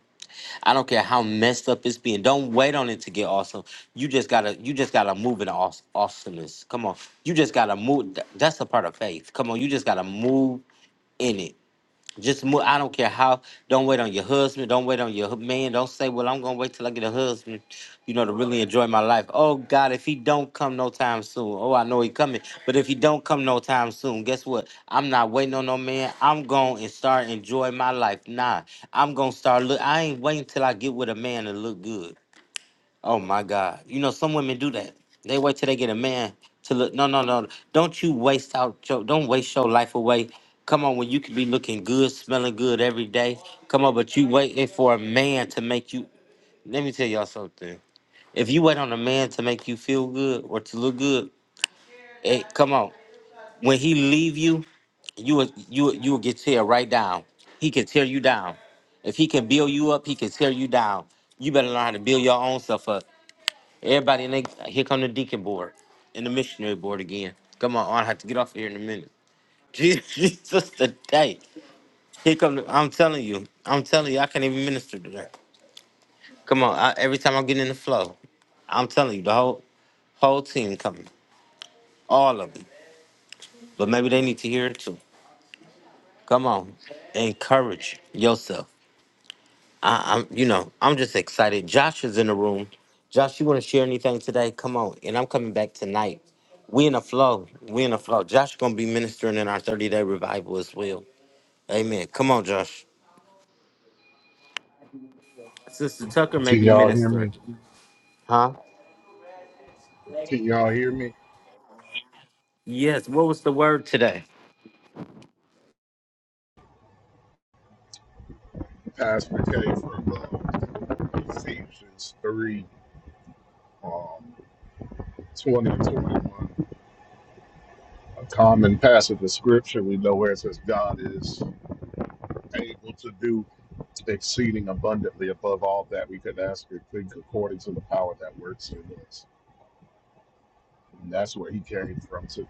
Speaker 1: I don't care how messed up it's being. Don't wait on it to get awesome. You just gotta you just gotta move in aw- awesomeness. Come on. You just gotta move. Th- That's a part of faith. Come on, you just gotta move in it just move. I don't care how. Don't wait on your husband. Don't wait on your hu- man. Don't say, "Well, I'm gonna wait till I get a husband," you know, to really enjoy my life. Oh God, if he don't come no time soon. Oh, I know he coming, but if he don't come no time soon, guess what? I'm not waiting on no man. I'm going and start enjoying my life. Nah, I'm gonna start look. I ain't waiting till I get with a man to look good. Oh my God. You know, some women do that. They wait till they get a man to look. No, no, no. Don't you waste out your don't waste your life away. Come on, when you could be looking good, smelling good every day. Come on, but you waiting for a man to make you let me tell y'all something. If you wait on a man to make you feel good or to look good, hey, come on. When he leave you, you will you will- you will get tear right down. He can tear you down. If he can build you up, he can tear you down. You better learn how to build your own self up. Everybody, and they, here come the deacon board and the missionary board again. Come on, I have to get off here in a minute. Jesus today. Here come. The, I'm telling you. I'm telling you. I can't even minister today. Come on. I, every time I get in the flow, I'm telling you, the whole whole team coming, all of them. But maybe they need to hear it too. Come on, encourage yourself. I, I'm, you know, I'm just excited. Josh is in the room. Josh, you want to share anything today? Come on. And I'm coming back tonight. We in a flow. We in a flow. Josh gonna be ministering in our 30 day revival as well. Amen. Come on, Josh. Sister Tucker may
Speaker 7: Can
Speaker 1: be
Speaker 7: y'all hear
Speaker 1: ministering.
Speaker 7: me?
Speaker 1: Huh?
Speaker 7: Can y'all hear me?
Speaker 1: Yes. What was the word today?
Speaker 7: Pastor K from uh, Ephesians 3, um, 20 and 21. A common passage of scripture we know where it says God is able to do exceeding abundantly above all that we could ask or think according to the power that works in us. And that's where he came from today.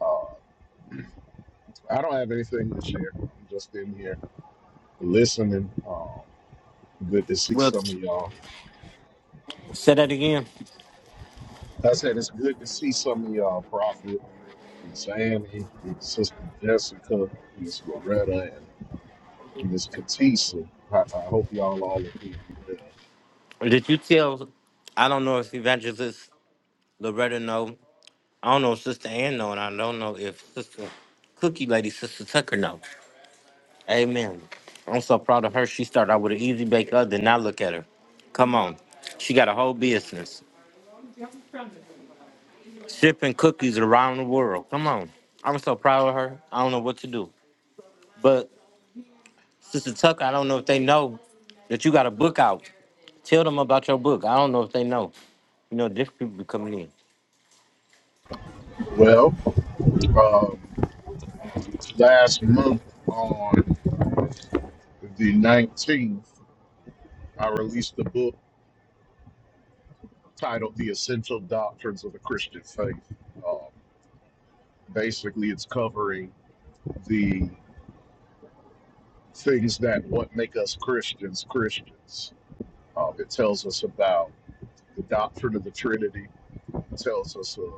Speaker 7: Uh, I don't have anything to share. I'm just in here listening. Um, good to see
Speaker 1: Well,
Speaker 7: some of
Speaker 1: t-
Speaker 7: y'all.
Speaker 1: say that again.
Speaker 7: I said it's good to see some of y'all, Prophet. Miss Annie, Miss Sister Jessica, Miss Loretta, and Miss Katisa. I, I hope y'all all are doing
Speaker 1: Did you tell? I don't know if Evangelist Loretta know. I don't know if Sister Ann know, and I don't know if Sister Cookie Lady, Sister Tucker know. Amen. I'm so proud of her. She started out with an easy bake oven. Now look at her. Come on. She got a whole business shipping cookies around the world. Come on. I'm so proud of her. I don't know what to do. But Sister Tucker, I don't know if they know that you got a book out. Tell them about your book. I don't know if they know. You know, different people be coming in.
Speaker 7: well. Well, um, last month on the 19th, I released a book titled The Essential Doctrines of the Christian Faith. Um, basically, it's covering the things that what make us Christians Christians. Um, it tells us about the doctrine of the Trinity, It tells us uh,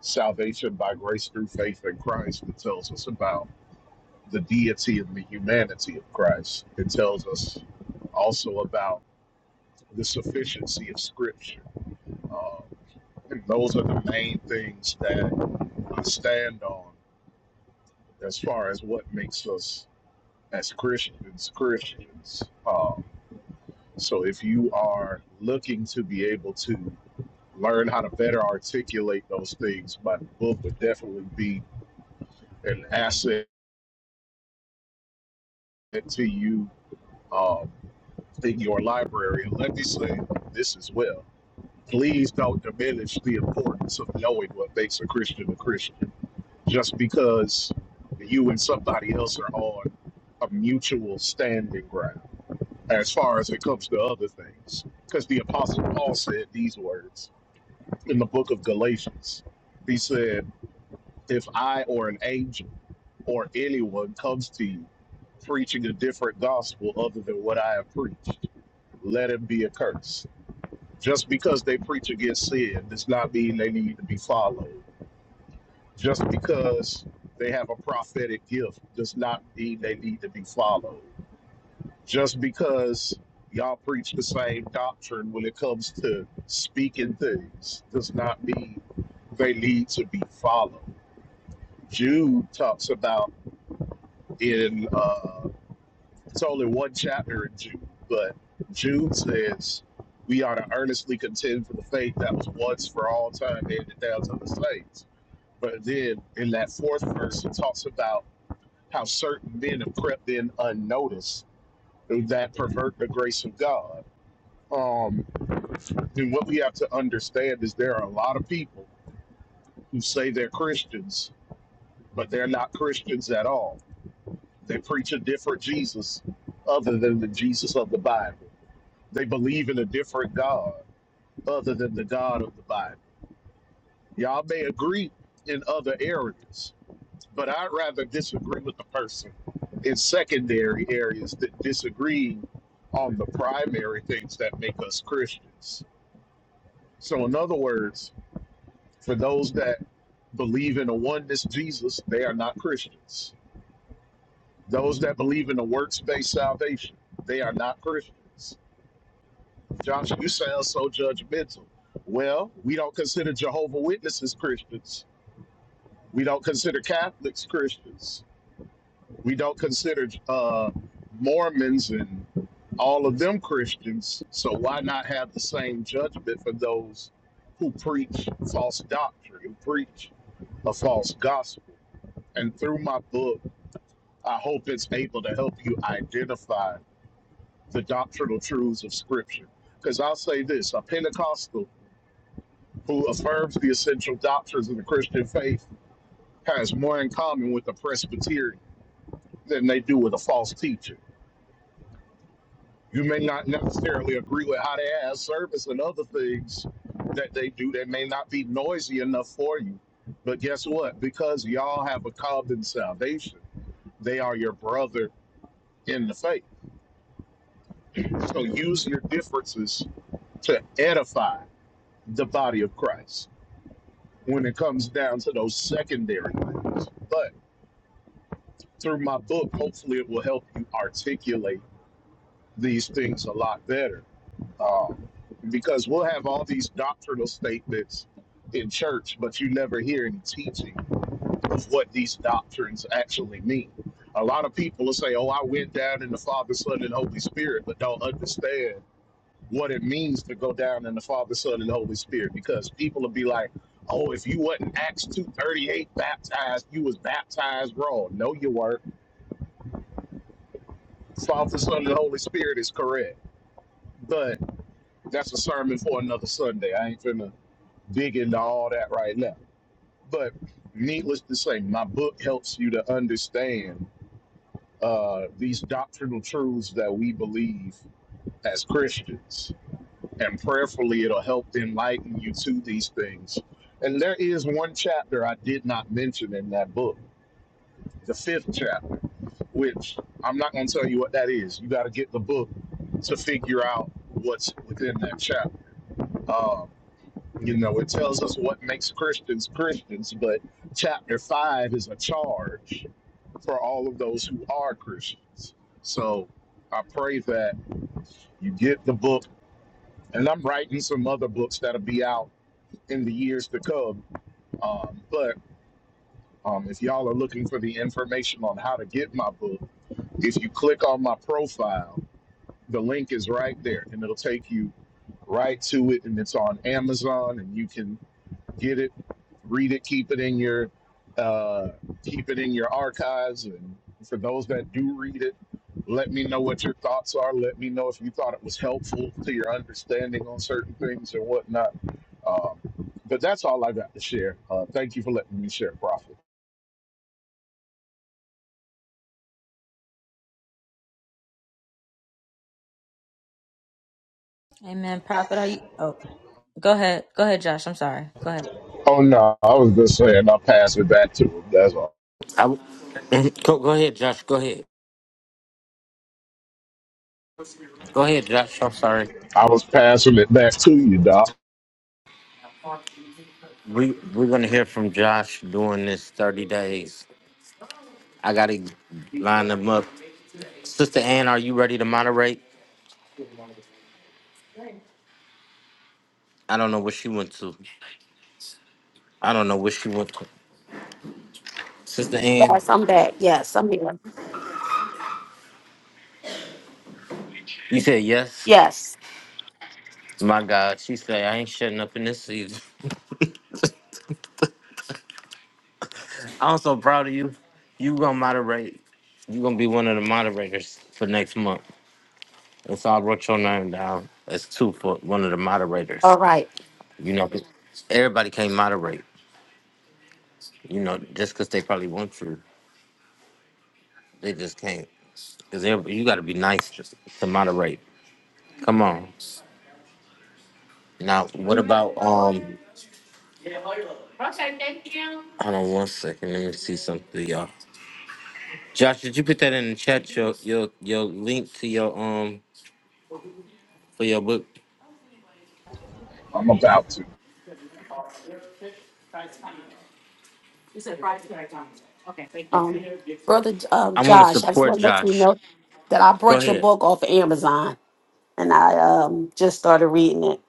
Speaker 7: salvation by grace through faith in Christ. It tells us about the deity and the humanity of Christ. It tells us also about the sufficiency of Scripture. Uh, and those are the main things that I stand on as far as what makes us as Christians Christians. Um, so if you are looking to be able to learn how to better articulate those things, my book would definitely be an asset to you uh, in your library. And let me say this as well. Please don't diminish the importance of knowing what makes a Christian a Christian. Just because you and somebody else are on a mutual standing ground as far as it comes to other things. Because the Apostle Paul said these words in the book of Galatians. He said, If I or an angel or anyone comes to you preaching a different gospel other than what I have preached, let it be a curse. Just because they preach against sin does not mean they need to be followed. Just because they have a prophetic gift does not mean they need to be followed. Just because y'all preach the same doctrine when it comes to speaking things does not mean they need to be followed. Jude talks about in uh, It's only one chapter in Jude, but Jude says we ought to earnestly contend for the faith that was once for all time handed down to the saints. But then in that fourth verse, it talks about how certain men have crept in unnoticed that pervert the grace of God. Um, and what we have to understand is there are a lot of people who say they're Christians, but they're not Christians at all. They preach a different Jesus other than the Jesus of the Bible They believe in a different God other than the God of the Bible. Y'all may agree in other areas, but I'd rather disagree with the person in secondary areas that disagree on the primary things that make us Christians. So, in other words, for those that believe in a oneness Jesus, they are not Christians. Those that believe in a works based salvation, they are not Christians. Johnson, you sound so judgmental. Well, we don't consider Jehovah Witnesses Christians. We don't consider Catholics Christians. We don't consider uh, Mormons and all of them Christians. So why not have the same judgment for those who preach false doctrine, who preach a false gospel? And through my book, I hope it's able to help you identify the doctrinal truths of Scripture. Because I'll say this: a Pentecostal who affirms the essential doctrines of the Christian faith has more in common with the Presbyterian than they do with a false teacher. You may not necessarily agree with how they have service and other things that they do that may not be noisy enough for you. But guess what? Because y'all have a common salvation, they are your brother in the faith. So use your differences to edify the body of Christ when it comes down to those secondary things. But. through my book, hopefully it will help you articulate these things a lot better. Um, because we'll have all these doctrinal statements in church, but you never hear any teaching of what these doctrines actually mean. A lot of people will say, Oh, I went down in the Father, Son, and Holy Spirit, but don't understand what it means to go down in the Father, Son, and Holy Spirit because people will be like, Oh, if you wasn't Acts 238 baptized, you was baptized wrong. No, you weren't Father, Son, and Holy Spirit is correct. But that's a sermon for another Sunday. I ain't finna dig into all that right now. But needless to say, my book helps you to understand uh, these doctrinal truths that we believe as Christians. And prayerfully, it'll help enlighten you to these things. And there is one chapter I did not mention in that book, the fifth chapter. which I'm not going to tell you what that is. You got to get the book to figure out what's within that chapter. Um, you know, it tells us what makes Christians Christians, but chapter five is a charge for all of those who are Christians. So I pray that you get the book, and I'm writing some other books that'll be out in the years to come. Um, but um, if y'all are looking for the information on how to get my book, if you click on my profile, The link is right there, and it'll take you right to it. And it's on Amazon, and you can get it, read it, keep it in your uh, keep it in your archives. And for those that do read it, let me know what your thoughts are. Let me know if you thought it was helpful to your understanding on certain things and whatnot. Um, but that's all I got to share. Uh, thank you for letting me share, Prophet.
Speaker 2: Amen. Prophet, are you? Oh, go ahead. Go ahead, Josh. I'm sorry. Go ahead.
Speaker 7: Oh no, I was just saying I'll pass it back to him. That's all.
Speaker 1: I w- go, go ahead, Josh. Go ahead. Go ahead, Josh. I'm sorry.
Speaker 7: I was passing it back to you, Doc.
Speaker 1: We we're gonna hear from Josh during this 30 days. I gotta line them up Sister Ann, are you ready to moderate? I don't know where she went to. I don't know where she went to. Sister Ann,
Speaker 5: Yes, I'm back. Yes, I'm here.
Speaker 1: you said yes.
Speaker 5: Yes.
Speaker 1: My God, she said I ain't shutting up in this season. I'm so proud of you. You gonna moderate. You gonna be one of the moderators for next month. And so I wrote your name down as two for one of the moderators.
Speaker 5: All right.
Speaker 1: You know, everybody can't moderate. You know, just because they probably want to, they just can't. Because you got to be nice to, to moderate. Come on. Now, what about um? Hold on one second. Let me see something, y'all. Josh, did you put that in the chat? Your your your link to your um for your book.
Speaker 7: I'm about to.
Speaker 5: Um, Brother um,
Speaker 1: I want to
Speaker 5: Josh, I just
Speaker 1: support
Speaker 5: want to let you
Speaker 1: Josh.
Speaker 5: know that I
Speaker 1: Go
Speaker 5: brought your
Speaker 1: ahead.
Speaker 5: book off of Amazon and I um, just started reading it.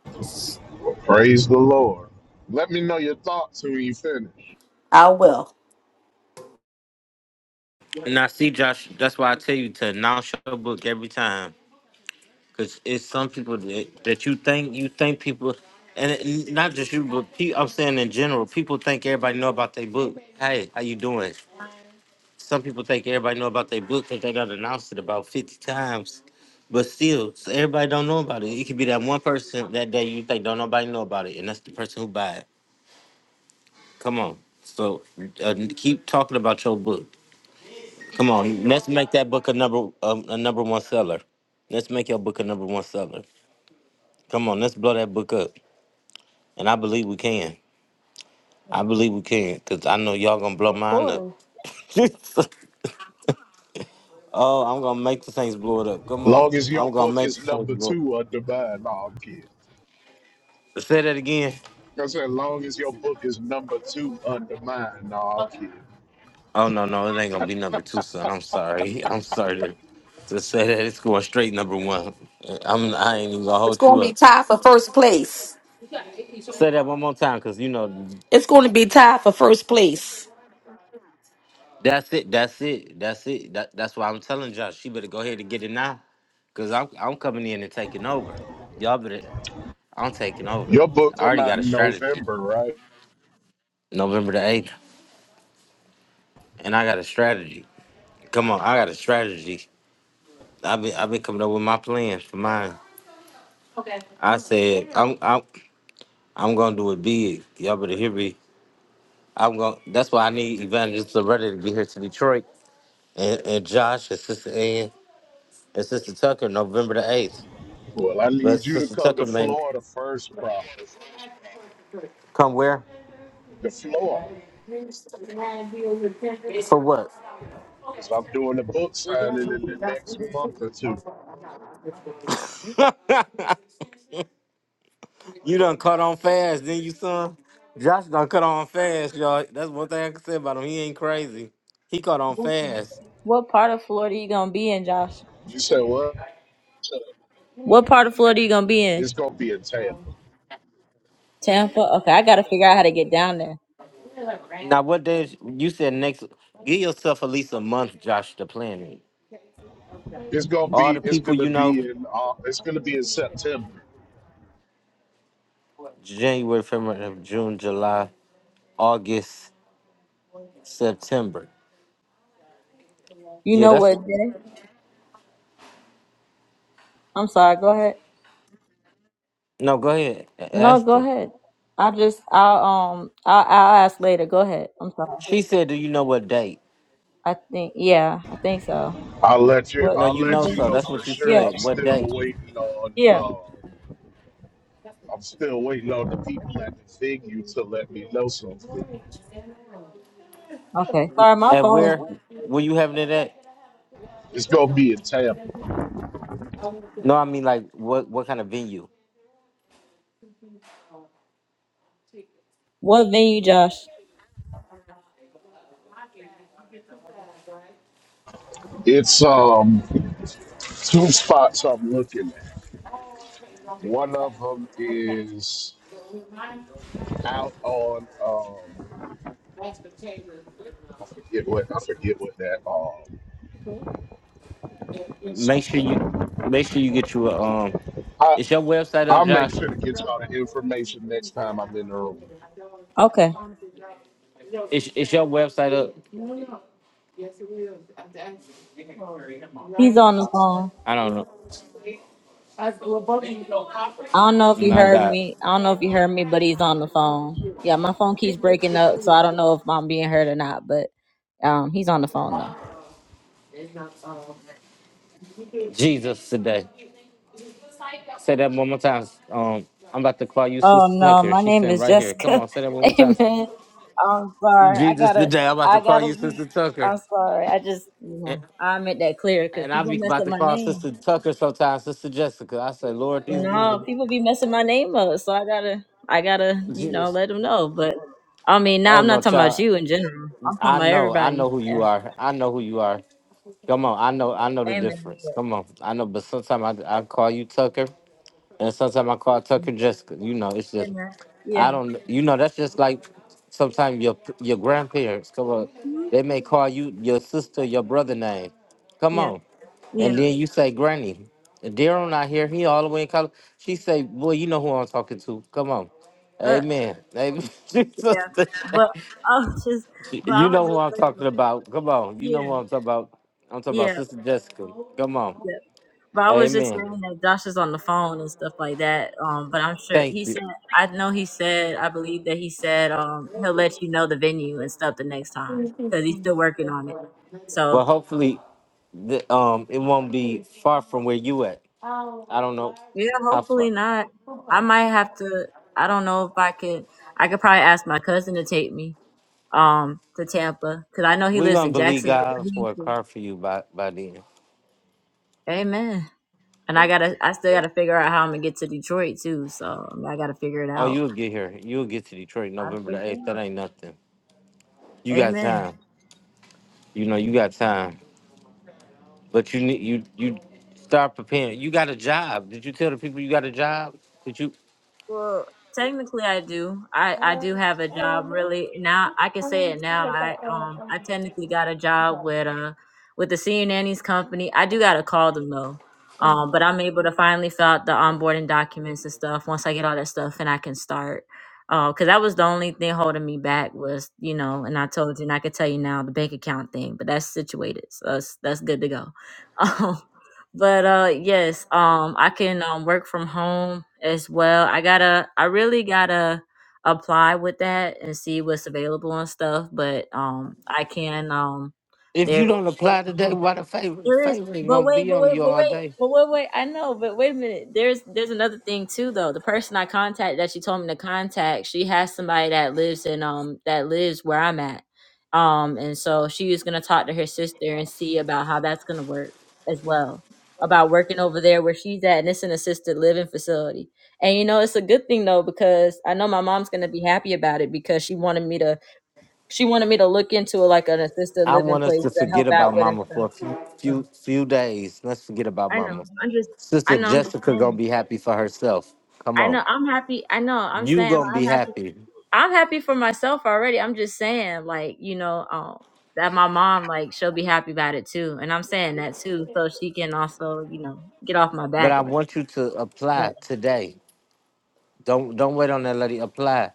Speaker 7: Praise the Lord. Let me know your thoughts when you finish.
Speaker 5: I will.
Speaker 1: And I see Josh. That's why I tell you to announce your book every time, cause it's some people that, that you think you think people, and it, not just you, but pe- I'm saying in general, people think everybody know about their book. Hey, how you doing? Some people think everybody know about their book because they got announced it about 50 times. But still, so everybody don't know about it. It could be that one person that day you think don't nobody know about it, and that's the person who buy it. Come on. So uh, keep talking about your book. Come on, let's make that book a number um, a number one seller. Let's make your book a number one seller. Come on, let's blow that book up. And I believe we can. I believe we can, cause I know y'all gonna blow
Speaker 2: Of
Speaker 1: mine up.
Speaker 2: course.
Speaker 1: oh, I'm gonna make the things blow it up. Come on,
Speaker 7: Long as your
Speaker 1: I'm gonna
Speaker 7: book
Speaker 1: make the
Speaker 7: is
Speaker 1: things
Speaker 7: number
Speaker 1: blow.
Speaker 7: two under mine, no, I'm kidding.
Speaker 1: Say that again.
Speaker 7: I said, long as your book is number two under mine, no, I'm kidding.
Speaker 1: Oh no, no, it ain't gonna be number two, son. I'm sorry. I'm sorry to, to say that. It's going straight number one. I'm I ain't even gonna
Speaker 5: It's
Speaker 1: hold
Speaker 5: going
Speaker 1: you
Speaker 5: to be
Speaker 1: up.
Speaker 5: tied for first place.
Speaker 1: Say that one more time, cause you know
Speaker 5: It's going to be tied for first place.
Speaker 1: that's it, that's it, that's it. That, that's why I'm telling Josh, she better go ahead and get it now. Cause I'm I'm coming in and taking over. Y'all better I'm taking over.
Speaker 7: Your book
Speaker 1: I
Speaker 7: come
Speaker 1: already
Speaker 7: out
Speaker 1: got a
Speaker 7: in
Speaker 1: strategy.
Speaker 7: November, right?
Speaker 1: November the eighth. And I got a strategy. Come on, I got a strategy. I've been I've been coming up with my plans for mine. I said I'm I'm I'm gonna do it big. Y'all better hear me. I'm gonna. That's why I need Evangelist Loretta to be here to Detroit, and, and Josh and Sister Ann and Sister Tucker November the eighth.
Speaker 7: Well, I
Speaker 1: But
Speaker 7: need you to
Speaker 1: Sister
Speaker 7: come to
Speaker 1: Tucker may
Speaker 7: Florida first, Prophet.
Speaker 1: come where?
Speaker 7: To Florida,
Speaker 1: For what?
Speaker 7: because I'm doing a book signing in the next month or two.
Speaker 1: you done cut on fast, didn't you, son? Josh done cut on fast, y'all. That's one thing I can say about him. He ain't crazy. He caught on
Speaker 2: What
Speaker 1: fast.
Speaker 2: what part of Florida you gonna be in, Josh?
Speaker 7: You said what?
Speaker 2: What part of Florida you gonna be in?
Speaker 7: It's gonna be in Tampa.
Speaker 2: Tampa. Okay, I gotta figure out how to get down there.
Speaker 1: Now, what day? is- You said next. Give yourself at least a month, Josh, to plan it.
Speaker 7: It's gonna
Speaker 1: All the
Speaker 7: be. It's
Speaker 1: people
Speaker 7: gonna
Speaker 1: you know,
Speaker 7: be in. Uh, it's gonna be in September.
Speaker 1: January, February, June, July, August, September.
Speaker 2: You
Speaker 1: Yeah,
Speaker 2: know
Speaker 1: that's
Speaker 2: what, Dennis? I'm sorry. Go ahead.
Speaker 1: no. Go ahead, A-
Speaker 2: No,
Speaker 1: ask
Speaker 2: go
Speaker 1: them.
Speaker 2: ahead. I just I'll um I'll, I'll ask later. Go ahead. I'm sorry.
Speaker 1: She said, "Do you know what date?"
Speaker 2: I think yeah, I think so.
Speaker 7: I'll let you.
Speaker 2: What?
Speaker 1: No,
Speaker 7: I'll
Speaker 1: you
Speaker 2: what
Speaker 1: know
Speaker 7: let
Speaker 2: did,
Speaker 7: you
Speaker 1: so.
Speaker 7: know
Speaker 1: That's
Speaker 7: for
Speaker 1: what you
Speaker 7: sure.
Speaker 2: yeah,
Speaker 7: I'm
Speaker 1: said. What
Speaker 7: still
Speaker 1: date?
Speaker 7: waiting on.
Speaker 2: yeah.
Speaker 7: Uh, I'm still waiting on the people at the venue to let me know something.
Speaker 2: Okay. Sorry, my
Speaker 1: And
Speaker 2: phone is.
Speaker 1: where? Were you having it at?
Speaker 7: It's gonna be in Tampa.
Speaker 1: No, I mean like what? What kind of venue?
Speaker 2: What venue, Josh?
Speaker 7: It's um two spots I'm looking at. One of them is out on. Um, I forget what. I forget what that. Um,
Speaker 1: Make sure you make sure you get you a um.
Speaker 7: I
Speaker 1: Is your website up,
Speaker 7: I'll make
Speaker 1: Josh?
Speaker 7: sure to get y'all the information next time I'm in the room.
Speaker 2: Okay.
Speaker 1: Is is your website up?
Speaker 2: He's on the phone.
Speaker 1: I don't know.
Speaker 2: I don't know if you
Speaker 1: My
Speaker 2: heard
Speaker 1: God,
Speaker 2: me. I don't know if you heard me, but he's on the phone. Yeah, my phone keeps breaking up, so I don't know if I'm being heard or not, but um he's on the phone though.
Speaker 1: Jesus today. Say that one more time. Um, I'm about to call you
Speaker 2: Oh
Speaker 1: Sister
Speaker 2: no,
Speaker 1: Tucker.
Speaker 2: my
Speaker 1: She
Speaker 2: name
Speaker 1: sitting
Speaker 2: is
Speaker 1: right here. Come
Speaker 2: Jessica.
Speaker 1: on, say that one more time.
Speaker 2: Amen. I'm sorry. I
Speaker 1: Jesus,
Speaker 2: gotta
Speaker 1: today I'm about to
Speaker 2: I
Speaker 1: call
Speaker 2: gotta
Speaker 1: you
Speaker 2: be
Speaker 1: Sister Tucker.
Speaker 2: I'm sorry. I just you
Speaker 1: And,
Speaker 2: know, I made that clear because
Speaker 1: and i
Speaker 2: people
Speaker 1: be
Speaker 2: mess
Speaker 1: about
Speaker 2: up
Speaker 1: to
Speaker 2: my
Speaker 1: call
Speaker 2: name.
Speaker 1: Sister Tucker sometimes, Sister Jessica. I say, Lord, these
Speaker 2: No,
Speaker 1: women,
Speaker 2: people be messing my name up, so I gotta, I gotta, you know,
Speaker 1: Jesus.
Speaker 2: let them know. But I mean, now
Speaker 1: Oh
Speaker 2: I'm
Speaker 1: no,
Speaker 2: not talking about
Speaker 1: child.
Speaker 2: you in general. I'm talking
Speaker 1: I
Speaker 2: about
Speaker 1: know, I know
Speaker 2: everybody.
Speaker 1: who you
Speaker 2: Yeah.
Speaker 1: are. I know who you are. Come on, I know, I know the
Speaker 2: Amen.
Speaker 1: difference.
Speaker 2: Yeah.
Speaker 1: Come on, I know. But sometimes I, I call you Tucker, and sometimes I call Tucker Jessica. You know, it's just
Speaker 2: Amen.
Speaker 1: I
Speaker 2: Yeah.
Speaker 1: don't. You know, that's just like sometimes your your grandparents come on.
Speaker 2: Mhm.
Speaker 1: They may call you your sister, your brother name. Come
Speaker 2: Yeah.
Speaker 1: on, and
Speaker 2: Yeah.
Speaker 1: then you say Granny. Daryl not here. He all the way in college. She say, "Boy, you know who I'm talking to. Come on."
Speaker 2: Uh,
Speaker 1: Amen. Amen.
Speaker 2: yeah. But I was just,
Speaker 1: Jesus.
Speaker 2: but I
Speaker 1: you
Speaker 2: was
Speaker 1: know who
Speaker 2: just
Speaker 1: I'm
Speaker 2: saying,
Speaker 1: talking
Speaker 2: like,
Speaker 1: about. Come on. You know who
Speaker 2: yeah,
Speaker 1: I'm talking about. I'm talking about
Speaker 2: yeah,
Speaker 1: Sister Jessica. Come on.
Speaker 2: yeah. But I was just
Speaker 1: Amen.
Speaker 2: saying that Josh is on the phone and stuff like that. Um, but I'm sure he
Speaker 1: Thank you.
Speaker 2: said, I know he said, I believe that he said, um, he'll let you know the venue and stuff the next time because he's still working on it. So.
Speaker 1: Well, hopefully, the, um, it won't be far from where you at. I don't know
Speaker 2: Yeah,
Speaker 1: how
Speaker 2: hopefully
Speaker 1: far.
Speaker 2: not. I might have to. I don't know if I could. I could probably ask my cousin to take me um to Tampa because I know he
Speaker 1: we
Speaker 2: lives
Speaker 1: gonna
Speaker 2: in
Speaker 1: believe
Speaker 2: Jacksonville. But
Speaker 1: God
Speaker 2: he,
Speaker 1: for a car for you by by then.
Speaker 2: amen. And I gotta. I still gotta figure out how I'm gonna get to Detroit too. So I gotta figure it
Speaker 1: Oh,
Speaker 2: out.
Speaker 1: you'll get here. You'll get to Detroit
Speaker 2: I gotta
Speaker 1: November the
Speaker 2: figure it
Speaker 1: eighth. That
Speaker 2: out.
Speaker 1: ain't nothing. You got
Speaker 2: Amen.
Speaker 1: time. You know you got time. But you need you you start preparing. You got a job. Did you tell the people you got a job? Did you?
Speaker 2: Well, technically, I do. I I do have a job. Really, now I can say it now. I um I technically got a job with uh with the senior nannies company. I do gotta call them though. Um, but I'm able to finally fill out the onboarding documents and stuff once I get all that stuff and I can start. Uh, cause that was the only thing holding me back was you know, and I told you and I could tell you now the bank account thing, but that's situated, so that's that's good to go. but uh yes um i can um work from home as well i gotta i really gotta apply with that and see what's available and stuff but um i can um
Speaker 1: If
Speaker 2: there
Speaker 1: you don't apply today, why the favor? The
Speaker 2: there is,
Speaker 1: favor ain't
Speaker 2: but
Speaker 1: gonna
Speaker 2: wait,
Speaker 1: be
Speaker 2: but
Speaker 1: on
Speaker 2: wait,
Speaker 1: you
Speaker 2: but
Speaker 1: all
Speaker 2: wait,
Speaker 1: day.
Speaker 2: but wait, wait. I know, but wait a minute. There's there's another thing too, though. The person I contacted that she told me to contact, she has somebody that lives in um that lives where I'm at, um, and so she was gonna talk to her sister and see about how that's gonna work as well, about working over there where she's at, and it's an assisted living facility. And you know, it's a good thing though because I know my mom's gonna be happy about it because she wanted me to she wanted me to look into like an assisted
Speaker 1: I
Speaker 2: living
Speaker 1: want us
Speaker 2: place
Speaker 1: to
Speaker 2: to
Speaker 1: forget
Speaker 2: help out
Speaker 1: about
Speaker 2: with and
Speaker 1: Mama for a
Speaker 2: stuff.
Speaker 1: few
Speaker 2: so.
Speaker 1: few few days. Let's forget about
Speaker 2: I know.
Speaker 1: Mama.
Speaker 2: I'm just. I
Speaker 1: Sister
Speaker 2: know. I'm just
Speaker 1: Jessica
Speaker 2: saying.
Speaker 1: gonna be happy for herself. Come
Speaker 2: I
Speaker 1: on.
Speaker 2: know. I'm happy. I know. I'm
Speaker 1: You
Speaker 2: saying. like,
Speaker 1: gonna
Speaker 2: I'm
Speaker 1: be
Speaker 2: happy.
Speaker 1: happy.
Speaker 2: I'm happy for myself already. I'm just saying, like you know, um, that my mom, like she'll be happy about it too, and I'm saying that too, so she can also, you know, get off my
Speaker 1: But
Speaker 2: back
Speaker 1: I
Speaker 2: about. It.
Speaker 1: want you to
Speaker 2: But
Speaker 1: apply today. Don't don't wait on that lady. Apply.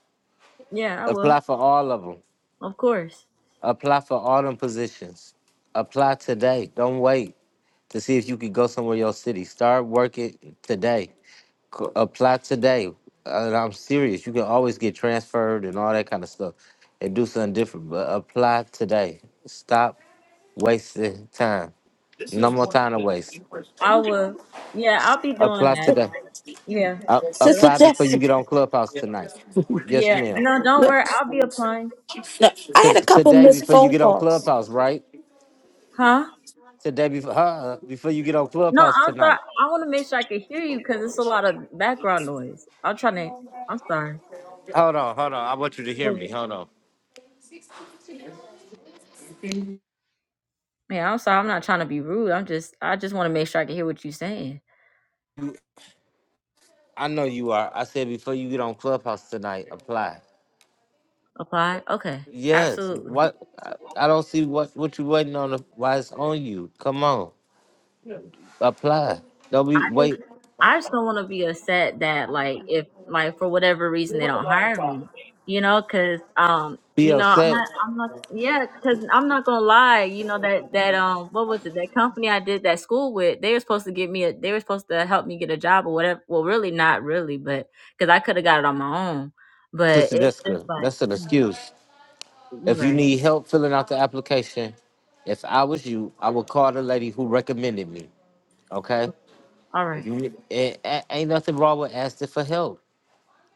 Speaker 2: yeah, I will.
Speaker 1: Apply for all of them.
Speaker 2: Of course,
Speaker 1: Apply for all them positions. Apply today. Don't wait to see if you could go somewhere in your city. Start working today. C- Apply today. And I'm serious. You can always get transferred and all that kind of stuff and do something different. But apply today. Stop wasting time. No more time to waste.
Speaker 2: I will. Yeah, I'll be doing
Speaker 1: Apply
Speaker 2: that.
Speaker 1: today.
Speaker 2: Yeah.
Speaker 1: Uh,
Speaker 2: 'Cause
Speaker 5: Sister
Speaker 1: apply
Speaker 2: I-
Speaker 1: before you
Speaker 5: Jessica.
Speaker 1: get on Clubhouse tonight. Yes,
Speaker 2: yeah.
Speaker 1: ma'am.
Speaker 2: No, don't worry. I'll be applying.
Speaker 5: I
Speaker 1: T-
Speaker 5: had a couple
Speaker 1: today
Speaker 5: missed
Speaker 1: before you
Speaker 5: phone
Speaker 1: get on
Speaker 5: calls.
Speaker 1: Clubhouse, right?
Speaker 2: Huh?
Speaker 1: Today before huh, before you get on
Speaker 2: No,
Speaker 1: Clubhouse
Speaker 2: I'm sorry.
Speaker 1: tonight.
Speaker 2: I want to make sure I can hear you because it's a lot of background noise. I'm trying to. I'm sorry.
Speaker 1: Hold on, hold on. I want you to hear
Speaker 2: Well,
Speaker 1: me.
Speaker 2: yeah,
Speaker 1: Hold on.
Speaker 2: Yeah, I'm sorry. I'm not trying to be rude. I'm just, I just want to make sure I can hear what you're saying.
Speaker 1: I know you are. I said before you get on Clubhouse tonight, apply.
Speaker 2: Apply? Okay,
Speaker 1: Yes.
Speaker 2: absolutely.
Speaker 1: What? I I don't see what what you waiting on. Why it's on you? Come on, apply. Don't be
Speaker 2: I just,
Speaker 1: wait.
Speaker 2: I just don't want to be upset that, like, if, like, for whatever reason they don't hire me, you know, because, um,
Speaker 1: Be
Speaker 2: you know, I'm not,
Speaker 1: upset,
Speaker 2: I'm not, yeah, because I'm not gonna lie, you know that that um, what was it? That company I did that school with, they were supposed to give me a, they were supposed to help me get a job or whatever. Well, really, not really, but because I could have got it on my own, but
Speaker 1: Sister
Speaker 2: it's just
Speaker 1: Jessica.
Speaker 2: like,
Speaker 1: That's an
Speaker 2: mm,
Speaker 1: excuse.
Speaker 2: you're
Speaker 1: If you
Speaker 2: right.
Speaker 1: need help filling out the application, if I was you, I would call the lady who recommended me. Okay.
Speaker 2: All right.
Speaker 1: If you need- a- a- ain't nothing wrong with asking for help.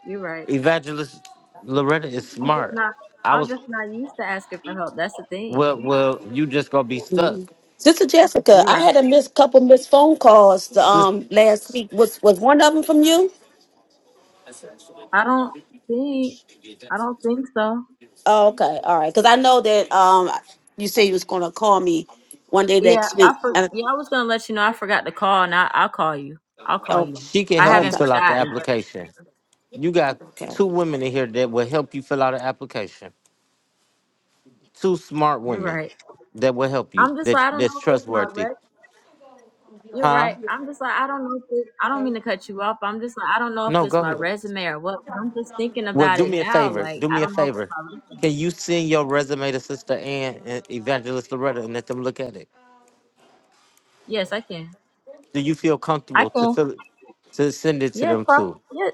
Speaker 2: You're right.
Speaker 1: Evangelist Loretta is
Speaker 2: I'm just
Speaker 1: smart.
Speaker 2: not.
Speaker 1: I
Speaker 2: I'm
Speaker 1: was
Speaker 2: just not used to asking for help. That's the
Speaker 1: well.
Speaker 2: thing.
Speaker 1: Well, you just gonna be stuck.
Speaker 5: Sister Jessica,
Speaker 2: You're
Speaker 5: I
Speaker 2: right.
Speaker 5: had a missed couple missed phone calls
Speaker 1: Sis,
Speaker 5: um last week. Was was one of them from you?
Speaker 2: I don't think. I don't think so.
Speaker 5: Oh, okay, all right. Because I know that um you said you was gonna call me one day
Speaker 2: Yeah,
Speaker 5: next week.
Speaker 2: I for,
Speaker 5: And
Speaker 2: yeah. I was gonna let you know. I forgot to call, and I, I'll call you. I'll call
Speaker 5: oh,
Speaker 2: you.
Speaker 1: she can
Speaker 2: I
Speaker 1: help you
Speaker 2: haven't
Speaker 5: okay,
Speaker 1: fill out the
Speaker 2: forgotten. But
Speaker 1: application. You got
Speaker 5: okay.
Speaker 1: two women in here that will help you fill out an application. Two smart
Speaker 2: you're
Speaker 1: women
Speaker 2: right.
Speaker 1: that will help you.
Speaker 2: I'm just like
Speaker 1: That
Speaker 2: I don't
Speaker 1: that's
Speaker 2: know if it's my
Speaker 1: trustworthy.
Speaker 2: rec. You're
Speaker 1: Huh?
Speaker 2: right. I'm just like I don't know if it, I don't mean to cut you off. I'm just like I don't know if
Speaker 1: No, go
Speaker 2: it's my
Speaker 1: ahead.
Speaker 2: resume or what. 'cause I'm just thinking
Speaker 1: Well,
Speaker 2: about
Speaker 1: do
Speaker 2: it
Speaker 1: me a
Speaker 2: now.
Speaker 1: favor.
Speaker 2: Like
Speaker 1: Do
Speaker 2: I
Speaker 1: me a
Speaker 2: don't know if it's
Speaker 1: favor.
Speaker 2: my
Speaker 1: Can
Speaker 2: resume.
Speaker 1: you send your resume to Sister Ann and Evangelist Loretta and let them look at it?
Speaker 2: Yes, I can.
Speaker 1: Do you feel
Speaker 2: I
Speaker 1: comfortable to
Speaker 2: can.
Speaker 1: fill to send it to
Speaker 2: Yes,
Speaker 1: them
Speaker 2: bro.
Speaker 1: too?
Speaker 2: Yes,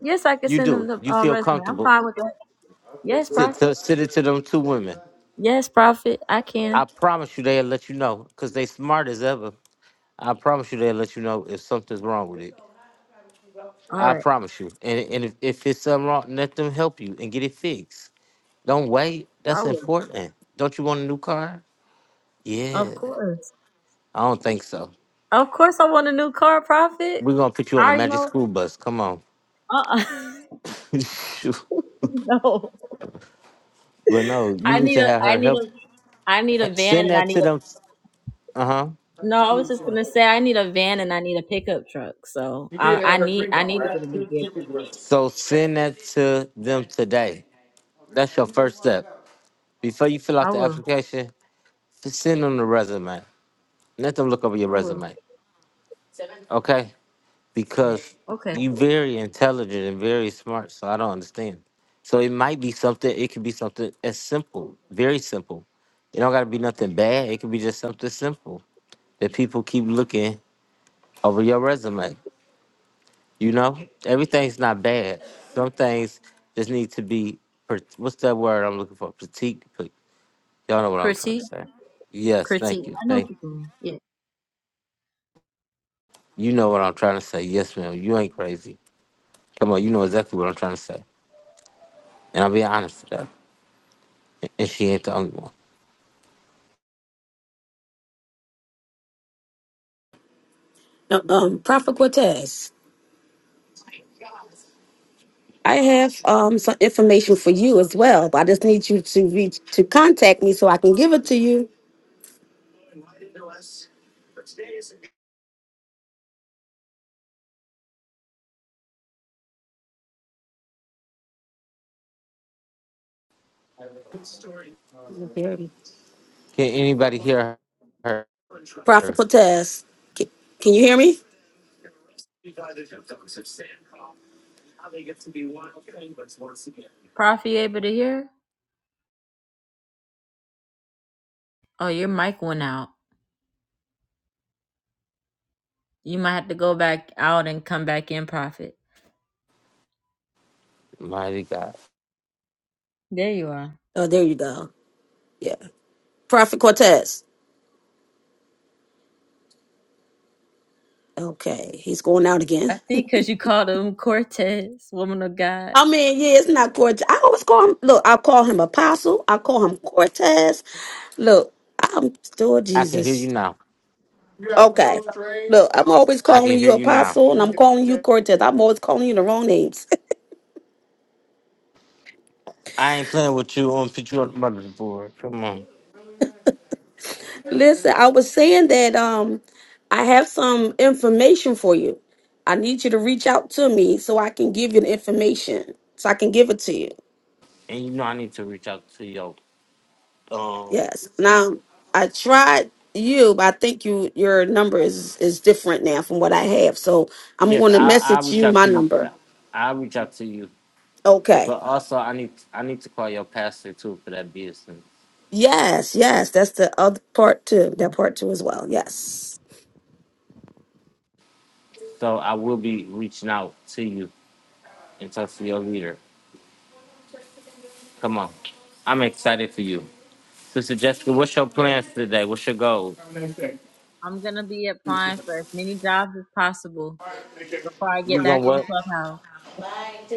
Speaker 2: Yes, I can
Speaker 1: You
Speaker 2: send them
Speaker 1: do.
Speaker 2: the
Speaker 1: You
Speaker 2: uh,
Speaker 1: feel
Speaker 2: resume. I'm
Speaker 1: comfortable
Speaker 2: fine with that. Yes,
Speaker 1: to,
Speaker 2: Prophet.
Speaker 1: to send it to them two women.
Speaker 2: Yes, Prophet. I
Speaker 1: I
Speaker 2: can.
Speaker 1: promise you they'll let you know because they smart as ever. I promise you they'll let you know if something's wrong with it.
Speaker 2: All
Speaker 1: I
Speaker 2: right.
Speaker 1: promise you. And, and if, if it's something wrong, let them help you and get it fixed. Don't wait.
Speaker 2: I
Speaker 1: That's
Speaker 2: will.
Speaker 1: important. Don't you want a new car?
Speaker 2: Of
Speaker 1: Yeah.
Speaker 2: course.
Speaker 1: I don't think so.
Speaker 2: Of course, I want a new car, Prophet.
Speaker 1: We're gonna put you
Speaker 2: I
Speaker 1: on a
Speaker 2: already
Speaker 1: magic
Speaker 2: know.
Speaker 1: school bus. Come on.
Speaker 2: Uh.
Speaker 1: Shoot.
Speaker 2: no.
Speaker 1: but no, you
Speaker 2: I
Speaker 1: need
Speaker 2: need
Speaker 1: to
Speaker 2: a.
Speaker 1: have
Speaker 2: I
Speaker 1: her
Speaker 2: need
Speaker 1: help.
Speaker 2: a. I need a van,
Speaker 1: Send
Speaker 2: and I
Speaker 1: that
Speaker 2: need
Speaker 1: to
Speaker 2: a.
Speaker 1: them. Uh huh.
Speaker 2: No, I was just gonna say I need a van and I need a pickup truck. So
Speaker 1: You did
Speaker 2: I, I
Speaker 1: have her
Speaker 2: need.
Speaker 1: drink
Speaker 2: I
Speaker 1: all
Speaker 2: need to get
Speaker 1: right.
Speaker 2: a new vehicle.
Speaker 1: So send that to them today. That's your first step. Before you fill out
Speaker 2: I
Speaker 1: the
Speaker 2: will.
Speaker 1: application, just send them the resume. Let them look over your
Speaker 2: I will.
Speaker 1: resume. Okay? because
Speaker 2: Okay.
Speaker 1: you very intelligent and very smart, so I don't understand. So it might be something. It could be something as simple, very simple. It don't got to be nothing bad. It could be just something simple that people keep looking over your resume. You know, everything's not bad. Some things just need to be. per- What's that word I'm looking for? Critique. but Y'all know what I'm trying to
Speaker 2: Critique.
Speaker 1: say. Yes,
Speaker 2: Critique.
Speaker 1: thank you.
Speaker 2: I know what
Speaker 1: Thank
Speaker 2: you're doing. Yeah.
Speaker 1: you. Know what I'm trying to say. Yes, ma'am. You ain't crazy. Come on, you know exactly what I'm trying to say. And I'll be honest with that. and she ain't the only one.
Speaker 5: No, Um, Prophet Cortez, I have um some information for you as well, but I just need you to reach to contact me so I can give it to you. you hear me,
Speaker 1: Can anybody hear her?
Speaker 5: Prophet Cortez, can, can you hear me?
Speaker 2: Prophet, you able to hear? Oh, your mic went out. You might have to go back out and come back in, Prophet.
Speaker 1: Mighty God,
Speaker 2: There you are.
Speaker 5: Oh, there you go. Yeah, Prophet Cortez. Okay, he's going out again.
Speaker 2: I think because you called him Cortez, woman of God.
Speaker 5: I mean, yeah, it's not Cortez. I always call him. Look, I call him Apostle. I call him Cortez. Look, I'm still
Speaker 1: I can hear you
Speaker 5: Jesus.
Speaker 1: now. You have
Speaker 5: Okay.
Speaker 1: those
Speaker 5: Look,
Speaker 1: trains.
Speaker 5: I'm always
Speaker 1: I
Speaker 5: calling
Speaker 1: can hear
Speaker 5: you
Speaker 1: you now.
Speaker 5: Apostle, and
Speaker 1: Can I
Speaker 5: I'm
Speaker 1: get my
Speaker 5: calling you
Speaker 1: check?
Speaker 5: Cortez. I'm always calling you the wrong names.
Speaker 1: I ain't playing with you on put you on the motherboard. Come on,
Speaker 5: Listen, I was saying that um, I have some information for you. I need you to reach out to me so I can give you the information. So I can give it to you.
Speaker 1: and you know I need to reach out to you. Um,
Speaker 5: Yes. Now I tried you, but I think you your number is is different now from what I have. So I'm
Speaker 1: yes,
Speaker 5: going to
Speaker 1: I I'll
Speaker 5: message
Speaker 1: reach
Speaker 5: you
Speaker 1: out
Speaker 5: my
Speaker 1: to you.
Speaker 5: number.
Speaker 1: I'll reach out to you,
Speaker 5: Okay.
Speaker 1: but also I need I need to call your pastor too for that business.
Speaker 5: Yes. Yes. That's the other part too. That part too as well. Yes.
Speaker 1: So I will be reaching out to you and talk to your leader. Come on, I'm excited for you. Sister Jessica, what's your plans today? What's your goal?
Speaker 2: I'm going to be
Speaker 1: You
Speaker 2: applying for as many jobs as possible before I get
Speaker 1: gonna
Speaker 2: back on
Speaker 1: what?
Speaker 2: Clubhouse.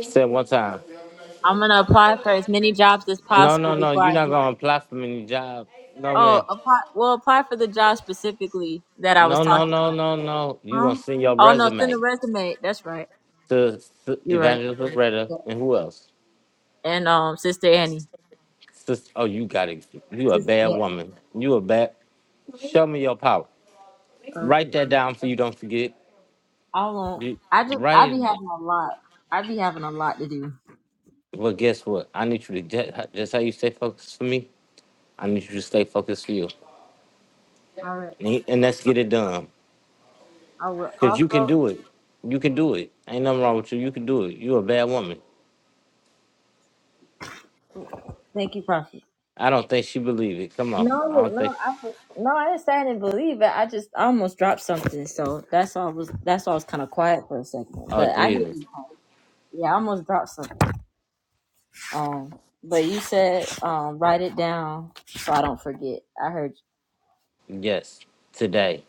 Speaker 1: Say it one time.
Speaker 2: I'm going to apply for as many jobs as
Speaker 1: No,
Speaker 2: possible
Speaker 1: no, no.
Speaker 2: before
Speaker 1: You're
Speaker 2: I
Speaker 1: not
Speaker 2: get.
Speaker 1: gonna apply for many jobs. No,
Speaker 2: Oh,
Speaker 1: man.
Speaker 2: apply, well, apply for the job specifically that I was
Speaker 1: No, no,
Speaker 2: talking
Speaker 1: no,
Speaker 2: about.
Speaker 1: no, no. You gonna
Speaker 2: Huh?
Speaker 1: send your
Speaker 2: Oh, no, send
Speaker 1: resume
Speaker 2: a resume. That's right.
Speaker 1: to, to
Speaker 2: You're right.
Speaker 1: Evangelist Loretta
Speaker 2: Yeah.
Speaker 1: and who else?
Speaker 2: And um, Sister Annie.
Speaker 1: Sister, oh, you got it. You a
Speaker 2: Sis-
Speaker 1: bad
Speaker 2: yeah.
Speaker 1: woman. You a bad. Show me your power. Write that
Speaker 2: Okay.
Speaker 1: down so you don't forget.
Speaker 2: I won't.
Speaker 1: You-
Speaker 2: I just
Speaker 1: Write
Speaker 2: I be
Speaker 1: it. d-
Speaker 2: having a lot. I be having a lot to do.
Speaker 1: Well, guess what? I need you to ju- just how you stay focused for me. I need you to stay focused for you.
Speaker 2: I will,
Speaker 1: and he, and let's get it done.
Speaker 2: I will
Speaker 1: Cause you can
Speaker 2: also
Speaker 1: do it. You can do it. Ain't nothing wrong with you. You can do it. You a bad woman.
Speaker 2: thank you, Prophet.
Speaker 1: I don't think she believe it. Come on. I
Speaker 2: No,
Speaker 1: don't think.
Speaker 2: no, I no, I didn't say I didn't believe it. I just I almost dropped something, so that's all was that's all I was kind of quiet for a second.
Speaker 1: Oh
Speaker 2: But I hear
Speaker 1: Jesus.
Speaker 2: you. Yeah, I almost dropped something. Um, but you said um write it down so I don't forget. I heard. You.
Speaker 1: Yes. Today.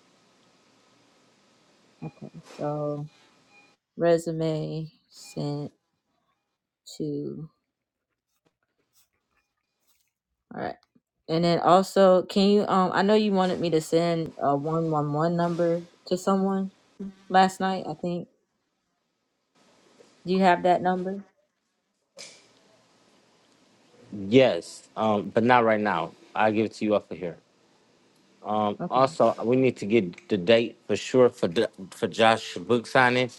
Speaker 2: Okay, so resume sent to. All right. And then also, can you um I know you wanted me to send a 111 number to someone last night, I think. Do you have that number?
Speaker 1: Yes. Um. But not right now. I give it to you off of here. Um.
Speaker 2: Okay.
Speaker 1: Also, we need to get the date for sure for the, for Josh book signing,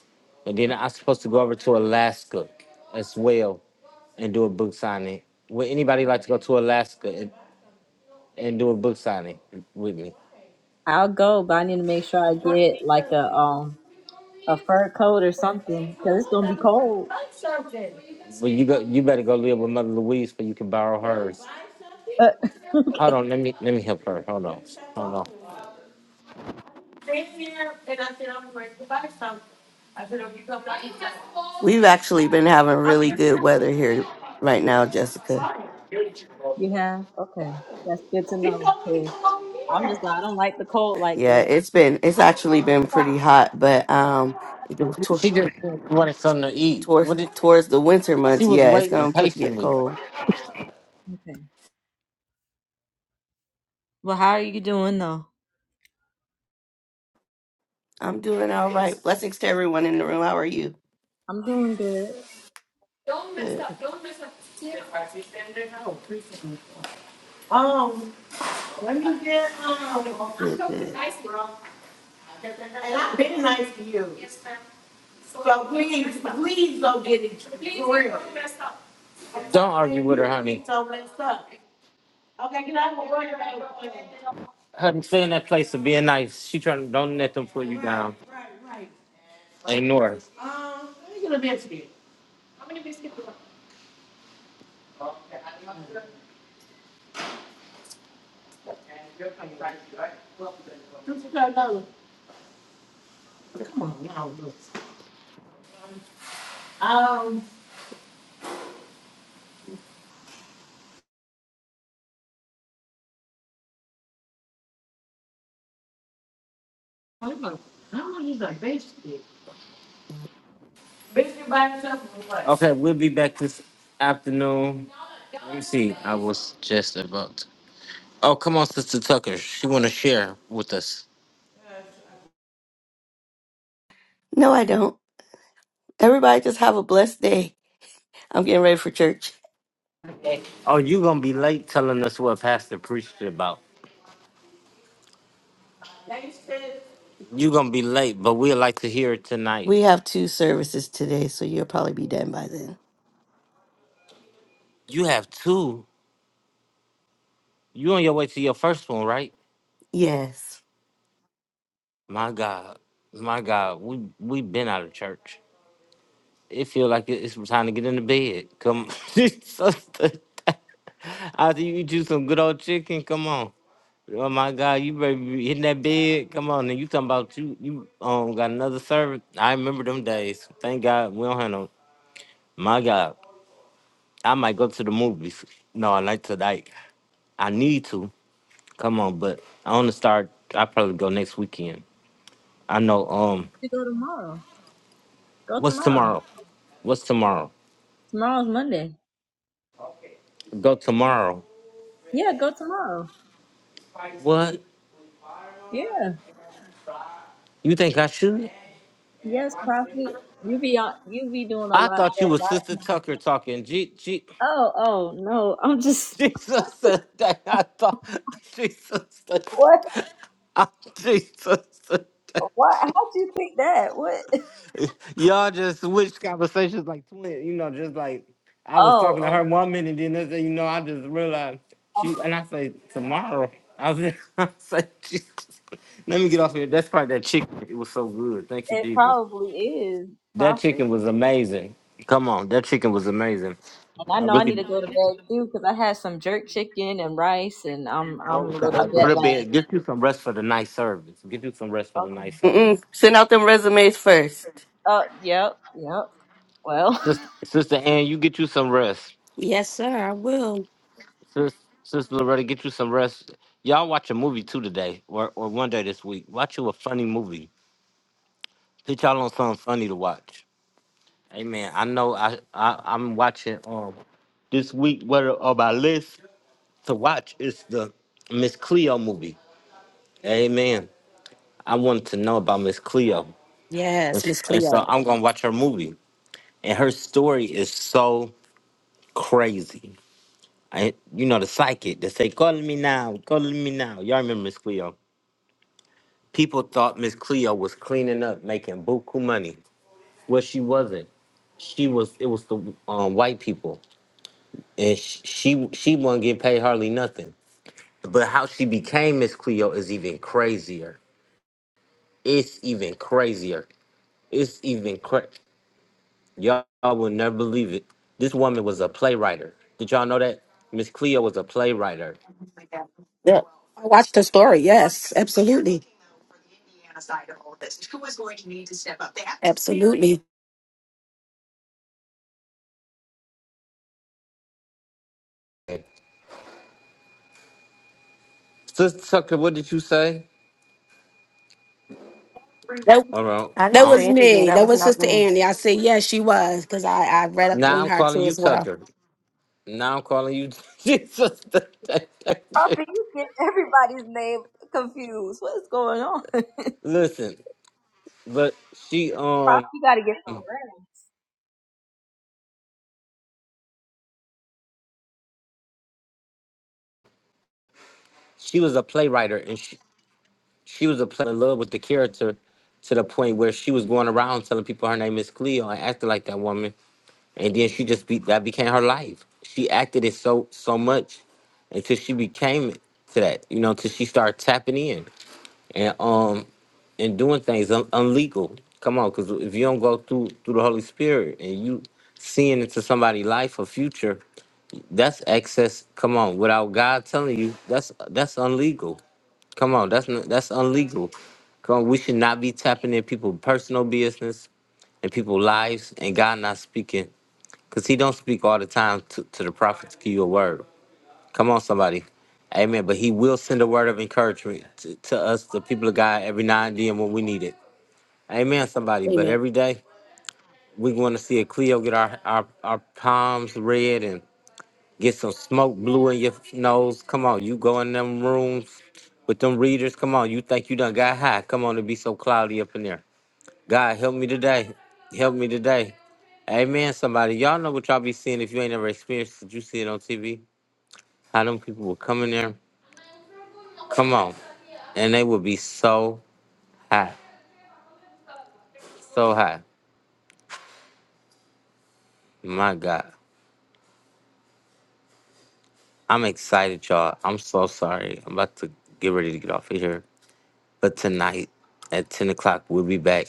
Speaker 1: and then I'm supposed to go over to Alaska as well and do a book signing. Would anybody like to go to Alaska and, and do a book signing with me?
Speaker 2: I'll go, but I need to make sure I get like a um a fur coat or something cuz it's going to be cold.
Speaker 1: Well, you go. You better go live with Mother Louise, so you can borrow hers.
Speaker 2: Uh,
Speaker 1: Hold
Speaker 2: okay.
Speaker 1: on. Let me let me help her. Hold on. Hold on.
Speaker 6: We've actually been having really good weather here right now, Jessica.
Speaker 2: You have? Okay. That's good to know. 'cause I'm just like I don't like the cold like
Speaker 6: Yeah,
Speaker 2: that.
Speaker 6: it's been it's actually been pretty hot, but um towards
Speaker 1: She just wanted something to eat.
Speaker 6: towards
Speaker 1: What did?
Speaker 6: towards the winter
Speaker 1: She
Speaker 6: months,
Speaker 1: was
Speaker 6: yeah, it's
Speaker 1: waiting
Speaker 6: gonna pr- get
Speaker 1: patiently.
Speaker 6: cold.
Speaker 2: Okay. Well, how are you doing though?
Speaker 6: I'm doing all right. Blessings to everyone in the room. How are you?
Speaker 2: I'm doing good.
Speaker 6: Good,
Speaker 1: Um, let me get um.
Speaker 6: good, good.
Speaker 1: And I've been nice to you. So please, please go get it. Don't argue with her, honey. So messed up. Okay, get out. Honey, stay in that place of being nice. She trying to don't let them put you down. Ignore. her. Um, let me get a bit to you. Um, like. Okay, we'll be back this afternoon. Let me see. I was just about. Oh, come on, Sister Tucker. She want to share with us.
Speaker 6: No, I don't. Everybody just have a blessed day. I'm getting ready for church.
Speaker 1: Oh, you gonna be late telling us what Pastor preached about. You gonna be late, but we'd like to hear it tonight.
Speaker 6: We have two services today, so you'll probably be done by then.
Speaker 1: You have two. You on your way to your first one, right?
Speaker 6: Yes.
Speaker 1: My God, my God, we we been out of church. It feel like it- it's time to get into bed. Come sister. After you eat you some good old chicken, come on. Oh my God, you better be hitting that bed. Come on, and you talking about you you um got another service. I remember them days. Thank God we don't have no. My God, I might go to the movies. No, I like tonight. I need to. Come on, but I want to start. I probably go next weekend. I know. Um,
Speaker 2: You go tomorrow. Go
Speaker 1: what's
Speaker 2: tomorrow.
Speaker 1: tomorrow? What's tomorrow?
Speaker 2: Tomorrow's Monday.
Speaker 1: Go tomorrow.
Speaker 2: Yeah, go tomorrow.
Speaker 1: What?
Speaker 2: Yeah.
Speaker 1: You think I should?
Speaker 2: Yes, Prophet. You be on, you be doing a
Speaker 1: I
Speaker 2: lot
Speaker 1: thought
Speaker 2: for
Speaker 1: you
Speaker 2: a
Speaker 1: was
Speaker 2: lot of
Speaker 1: Sister
Speaker 2: people.
Speaker 1: Tucker talking. G G
Speaker 2: Oh, oh no. I'm just
Speaker 1: Jesus the day. I thought Jesus the
Speaker 2: what?
Speaker 1: day. I- Jesus the
Speaker 2: What? How'd
Speaker 1: day.
Speaker 2: you think that? What?
Speaker 1: Y'all just switched conversations like twins. You know, just like I was
Speaker 2: Oh,
Speaker 1: talking to
Speaker 2: oh,
Speaker 1: her one minute, then next thing you know, I just realized
Speaker 2: oh,
Speaker 1: she and I say tomorrow. I was I say Jesus. Let me get off here. That's probably that chicken. It was so good. Thank you,
Speaker 2: it
Speaker 1: Jesus.
Speaker 2: probably is
Speaker 1: That
Speaker 2: Prophet.
Speaker 1: chicken was amazing. Come on, that chicken was amazing.
Speaker 2: And I
Speaker 1: I
Speaker 2: know I need
Speaker 1: really
Speaker 2: to go to bed too because I had some jerk chicken and rice, and I'm I'm a little
Speaker 1: I go
Speaker 2: jet
Speaker 1: to
Speaker 2: lagged.
Speaker 1: bed. Get you some rest for the night service. Get you some rest for the
Speaker 2: Okay.
Speaker 1: night service.
Speaker 6: Mm-mm. Send out them resumes first.
Speaker 2: Oh, yep, yep. Well,
Speaker 1: Sister, Sister Ann, you get you some rest.
Speaker 5: Yes, sir. I will.
Speaker 1: Sis, Sister Loretta, get you some rest. Y'all watch a movie too today, or, or one day this week. Watch you a funny movie. Put y'all on something funny to watch. Hey man, I know I, I I'm watching um this week. What are- on my list to watch is the Miss Cleo movie. Amen. I wanted to know about Miss Cleo. And s- and so I'm gonna watch her movie. And her story is so crazy. I, you know, the psychic that say, call me now, call me now. Y'all remember Miss Cleo. People thought Miss Cleo was cleaning up, making buku money. Well, she wasn't. She was, it was the um, white people. And sh- she, she wasn't getting paid hardly nothing. But how she became Miss Cleo is even crazier. It's even crazier. It's even crazy. Y'all will never believe it. This woman was a playwright. Did y'all know that? Miss Cleo was a playwright.
Speaker 5: Yeah. I watched the story. Yes. Absolutely.
Speaker 1: Sister Tucker, what did you say?
Speaker 5: That
Speaker 1: All right.
Speaker 6: I
Speaker 5: that
Speaker 6: didn't
Speaker 1: I'm,
Speaker 5: was
Speaker 6: say anything.
Speaker 5: me.
Speaker 6: That
Speaker 5: That
Speaker 6: was
Speaker 5: was
Speaker 6: not
Speaker 5: Sister
Speaker 6: rules.
Speaker 5: Andy. I said yes, she was because I I read up
Speaker 1: now
Speaker 5: on
Speaker 1: I'm
Speaker 5: her
Speaker 1: calling
Speaker 5: too
Speaker 1: you
Speaker 5: as well.
Speaker 1: Tucker. Now I'm calling you Jesus.
Speaker 2: Prophet, you get everybody's name confused. What is going on?
Speaker 1: Listen, but she um
Speaker 2: Prophet, you gotta get some rest.
Speaker 1: she was a playwright and she she was a play in love with the character to the point where she was going around telling people her name is Cleo and acting like that woman. and then she just be that became her life. She acted it so so much until she became to that, you know, until she started tapping in and um and doing things un- unlegal. Come on, because if you don't go through through the Holy Spirit and you seeing into somebody's life or future, that's excess. Come on, without God telling you, that's that's unlegal. Come on, that's not, that's unlegal. Come on, we should not be tapping in people's personal business and people's lives, and God not speaking because he don't speak all the time to, to the prophet to give you a word. Come on, somebody. Amen. But he will send a word of encouragement to, to us, the people of God, every now and then when we need it. Amen, somebody. But
Speaker 5: Amen.
Speaker 1: every day, we want to see a Cleo get our, our, our palms red and get some smoke blue in your nose. Come on, you go in them rooms with them readers. Come on, you think you done got high. Come on, it be so cloudy up in there. God help me today. Help me today. Amen. Somebody, y'all know what y'all be seeing if you ain't never experienced it. You see it on TV. How them people will come in there. Come on. And they will be so high. So high. My God. I'm excited, y'all. I'm so sorry. I'm about to get ready to get off of here. But tonight at 10 o'clock, we'll be back.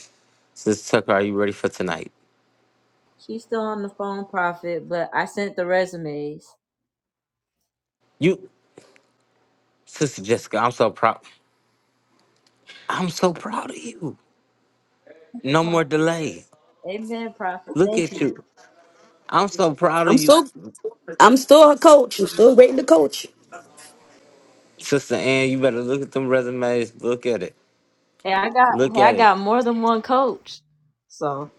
Speaker 1: Sister Tucker, are you ready for tonight?
Speaker 2: She's still on the phone, Prophet, but I sent the resumes.
Speaker 1: You, Sister Jessica, I'm so proud. I'm so proud of you. No more
Speaker 2: Oh,
Speaker 1: delay.
Speaker 2: Amen, Prophet.
Speaker 1: Look
Speaker 2: Thank
Speaker 1: at
Speaker 2: you.
Speaker 1: you. I'm so proud of
Speaker 5: I'm
Speaker 1: you,
Speaker 5: still I'm still a coach. I'm still waiting to coach.
Speaker 1: Sister Ann. You better look at them resumes. Look at it.
Speaker 2: Hey, I got
Speaker 1: Look
Speaker 2: hey, I
Speaker 1: at it.
Speaker 2: got more than one coach. So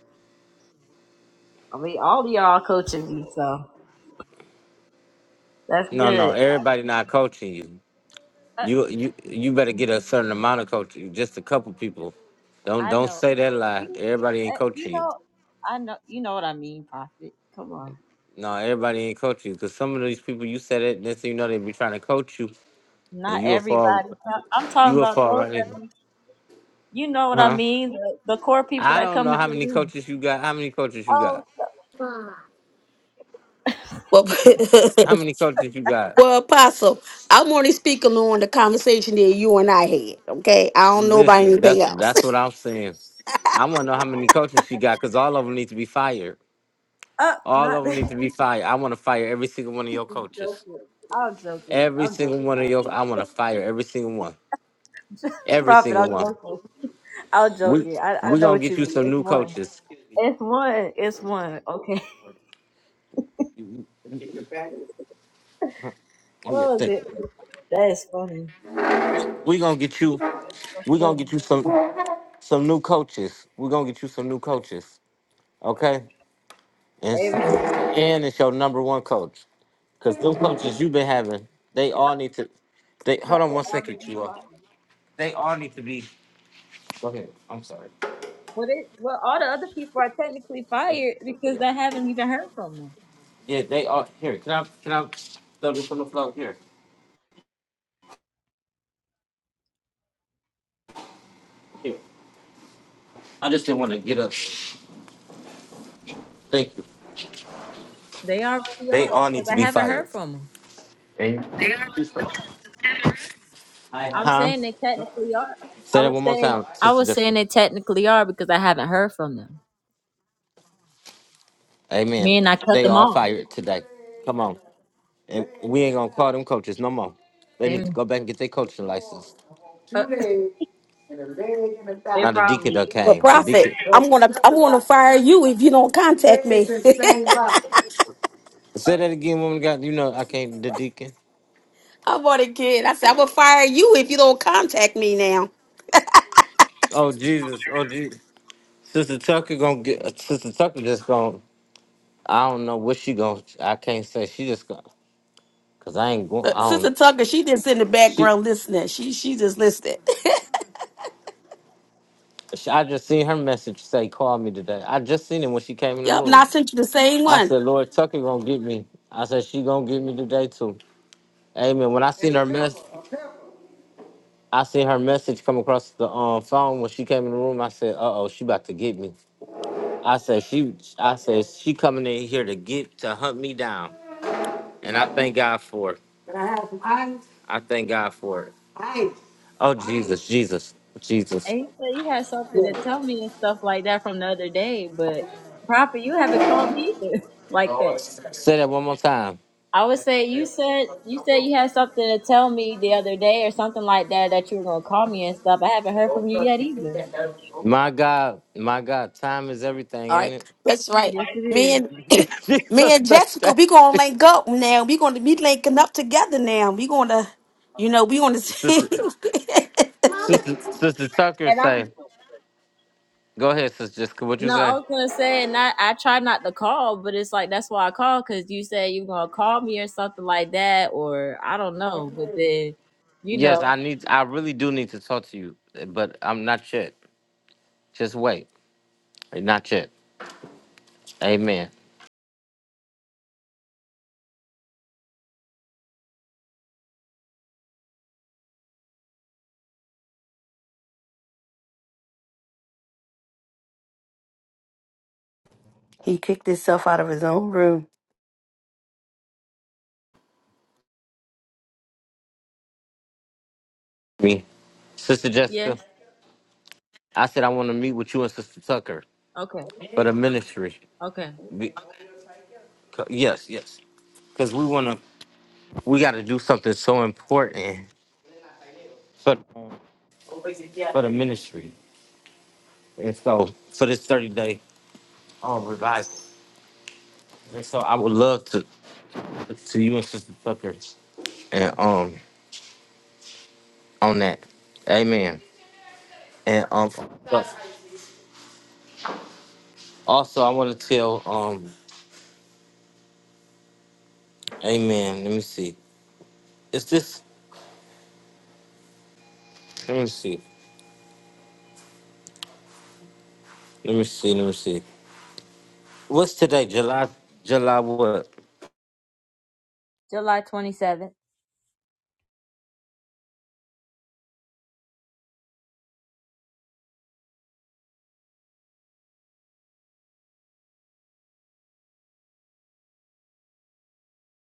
Speaker 2: I mean all of y'all coaching me, so that's
Speaker 1: No, no,
Speaker 2: good.
Speaker 1: everybody not coaching you.
Speaker 2: I,
Speaker 1: You you you better get a certain amount of coaching. Just a couple people. Don't
Speaker 2: I
Speaker 1: don't
Speaker 2: know.
Speaker 1: say that lie.
Speaker 2: You,
Speaker 1: Everybody ain't
Speaker 2: uh, you
Speaker 1: coaching you.
Speaker 2: know I know you know what I mean, Prophet. Come on.
Speaker 1: No, everybody ain't coaching you. Cause some of these people you said it, next thing you know they be trying to coach you, and
Speaker 2: Not
Speaker 1: you will fall.
Speaker 2: everybody I'm
Speaker 1: You
Speaker 2: talking
Speaker 1: will
Speaker 2: about
Speaker 1: fall
Speaker 2: those
Speaker 1: right in.
Speaker 2: that be, you know what I
Speaker 1: Huh?
Speaker 2: mean, the, the core people
Speaker 1: I
Speaker 2: that
Speaker 1: don't know
Speaker 2: come into
Speaker 1: how
Speaker 2: the
Speaker 1: many
Speaker 2: room.
Speaker 1: coaches you got. How many coaches you got?
Speaker 2: Oh, no,
Speaker 5: Well.
Speaker 1: How many coaches you got?
Speaker 5: Well, Apostle, I'm only speaking on the conversation that you and I had. Okay, I don't know about
Speaker 1: Listen,
Speaker 5: anything
Speaker 1: that's
Speaker 5: else.
Speaker 1: that's what I'm saying. I want to
Speaker 2: I
Speaker 1: know how
Speaker 2: got it.
Speaker 1: many coaches she got because all of them need to be fired.
Speaker 2: Uh,
Speaker 1: All
Speaker 2: not
Speaker 1: of them need
Speaker 2: that.
Speaker 1: to be fired. I want to fire every single one of your
Speaker 2: I'm
Speaker 1: coaches.
Speaker 2: joking. I'm joking.
Speaker 1: Every
Speaker 2: I'm
Speaker 1: single one of your.
Speaker 2: joking.
Speaker 1: I want to fire every single one. Every
Speaker 2: Profit.
Speaker 1: single
Speaker 2: I'm
Speaker 1: one.
Speaker 2: joking. I'm
Speaker 1: We
Speaker 2: joking. I, I
Speaker 1: we
Speaker 2: know
Speaker 1: gonna
Speaker 2: what
Speaker 1: get
Speaker 2: you
Speaker 1: you
Speaker 2: mean.
Speaker 1: some
Speaker 2: It's
Speaker 1: new
Speaker 2: one.
Speaker 1: coaches.
Speaker 2: It's one. It's one. Okay.
Speaker 1: Oh yeah,
Speaker 2: Oh,
Speaker 1: thank
Speaker 2: that,
Speaker 1: you.
Speaker 2: that is funny.
Speaker 1: We gonna get you.
Speaker 2: That's
Speaker 1: We gonna
Speaker 2: funny.
Speaker 1: get you some some new coaches. We gonna get you some new coaches. Okay. and
Speaker 2: Amen.
Speaker 1: and it's your number one coach. Cause those coaches you've been having, they all need to. They
Speaker 2: But
Speaker 1: hold on
Speaker 2: they
Speaker 1: one
Speaker 2: all
Speaker 1: second,
Speaker 2: been
Speaker 1: Chua.
Speaker 2: fired.
Speaker 1: They all need to be. Go ahead. I'm sorry.
Speaker 2: Well, they, well, all the other people are technically
Speaker 1: Yeah,
Speaker 2: fired
Speaker 1: yeah,
Speaker 2: because I haven't even heard from them.
Speaker 1: Yeah, they all here. Can I can I throw this on the floor here? Here. I just didn't want to get up. Thank you.
Speaker 2: They already are
Speaker 1: They all need
Speaker 2: because
Speaker 1: to
Speaker 2: I
Speaker 1: be
Speaker 2: haven't heard
Speaker 1: fired.
Speaker 2: from them. I'm
Speaker 1: Huh?
Speaker 2: saying they technically are.
Speaker 1: Say
Speaker 2: I
Speaker 1: that
Speaker 2: was
Speaker 1: one more
Speaker 2: saying
Speaker 1: time,
Speaker 2: I
Speaker 1: Sister
Speaker 2: was saying
Speaker 1: Jessica.
Speaker 2: they technically are because I haven't heard from them.
Speaker 1: Amen.
Speaker 2: Me and I cut
Speaker 1: They
Speaker 2: them
Speaker 1: all
Speaker 2: off.
Speaker 1: fired today. Come on. And we ain't gonna call them coaches no more. They need to
Speaker 2: And
Speaker 1: go back and get their coaching license.
Speaker 2: uh, they
Speaker 1: Now the deacon
Speaker 2: probably
Speaker 1: done
Speaker 5: But
Speaker 2: do.
Speaker 1: came. The
Speaker 5: Prophet,
Speaker 1: deacon.
Speaker 5: I'm gonna I'm gonna fire you if you don't contact me.
Speaker 1: Say that again, woman. of God, you know I can't. The deacon.
Speaker 5: I'm on again. I said I'm gonna fire you if you don't contact me now.
Speaker 1: Oh Jesus. Oh Jesus. Sister Tucker gonna get. uh, Sister Tucker just gonna. I don't know what she gonna. I can't say. She just gonna. Cause I ain't going.
Speaker 5: Uh,
Speaker 1: I
Speaker 5: Sister
Speaker 1: don't.
Speaker 5: Tucker, she just in the
Speaker 1: She.
Speaker 5: background listening. She she just listening.
Speaker 1: she I just seen her message say call me today. I just seen it when she came in the
Speaker 5: Yup, and
Speaker 1: room.
Speaker 5: I sent you the same
Speaker 1: I
Speaker 5: one.
Speaker 1: said Lord Tucker gonna get me. I said she gonna get me today too. Amen. When I seen her mess, I seen her message come across the um, phone when she came in the room. I said, "Uh oh, she about to get me." I said she I said she coming in here to get to hunt me down. And I thank God for it. I thank God for it. Oh Jesus, Jesus, Jesus.
Speaker 2: And you said you had something to tell me and stuff like that from the other day, but Prophet, you haven't called me either like that.
Speaker 1: Say that one more time.
Speaker 2: I would say you said you said you had something to tell me the other day or something like that that you were gonna call me and stuff. I haven't heard from you yet either.
Speaker 1: My God, my God, time is everything,
Speaker 5: All right,
Speaker 1: ain't
Speaker 5: that's right.
Speaker 2: Yes, it is.
Speaker 5: Me and
Speaker 1: it?
Speaker 5: me
Speaker 1: Jesus
Speaker 5: and
Speaker 1: thank
Speaker 5: Jessica, we gonna
Speaker 1: you.
Speaker 5: link up now. We gonna be linking up together now. We gonna, you know, we gonna see.
Speaker 1: Sister Sister Sister Tucker
Speaker 2: And I'm
Speaker 1: say, go ahead, sister Jessica, what you
Speaker 2: no, I
Speaker 1: say?
Speaker 2: was gonna say, and I, I try not to call, but it's like that's why I call because you said you were gonna call me or something like that, or I don't know. But then, you
Speaker 1: Yes,
Speaker 2: know,
Speaker 1: I need I really do need to talk to you, but I'm not yet. Just wait. Not yet. Amen.
Speaker 6: He kicked himself out of his own room.
Speaker 1: me. Sister Jessica,
Speaker 2: yes,
Speaker 1: I said I want to meet with you and Sister Tucker
Speaker 2: okay,
Speaker 1: for the ministry.
Speaker 2: okay,
Speaker 1: Be- c- Yes, yes. Because we want to, we got to do something so important for, for the ministry. And so for this 30 day um, revival. And so I would love to, to you and Sister Tucker and um on that. Amen. And um but also I want to tell um Amen. Let me see. Is this let me see. Let me see. Let me see. What's today? July July what?
Speaker 2: July twenty seventh.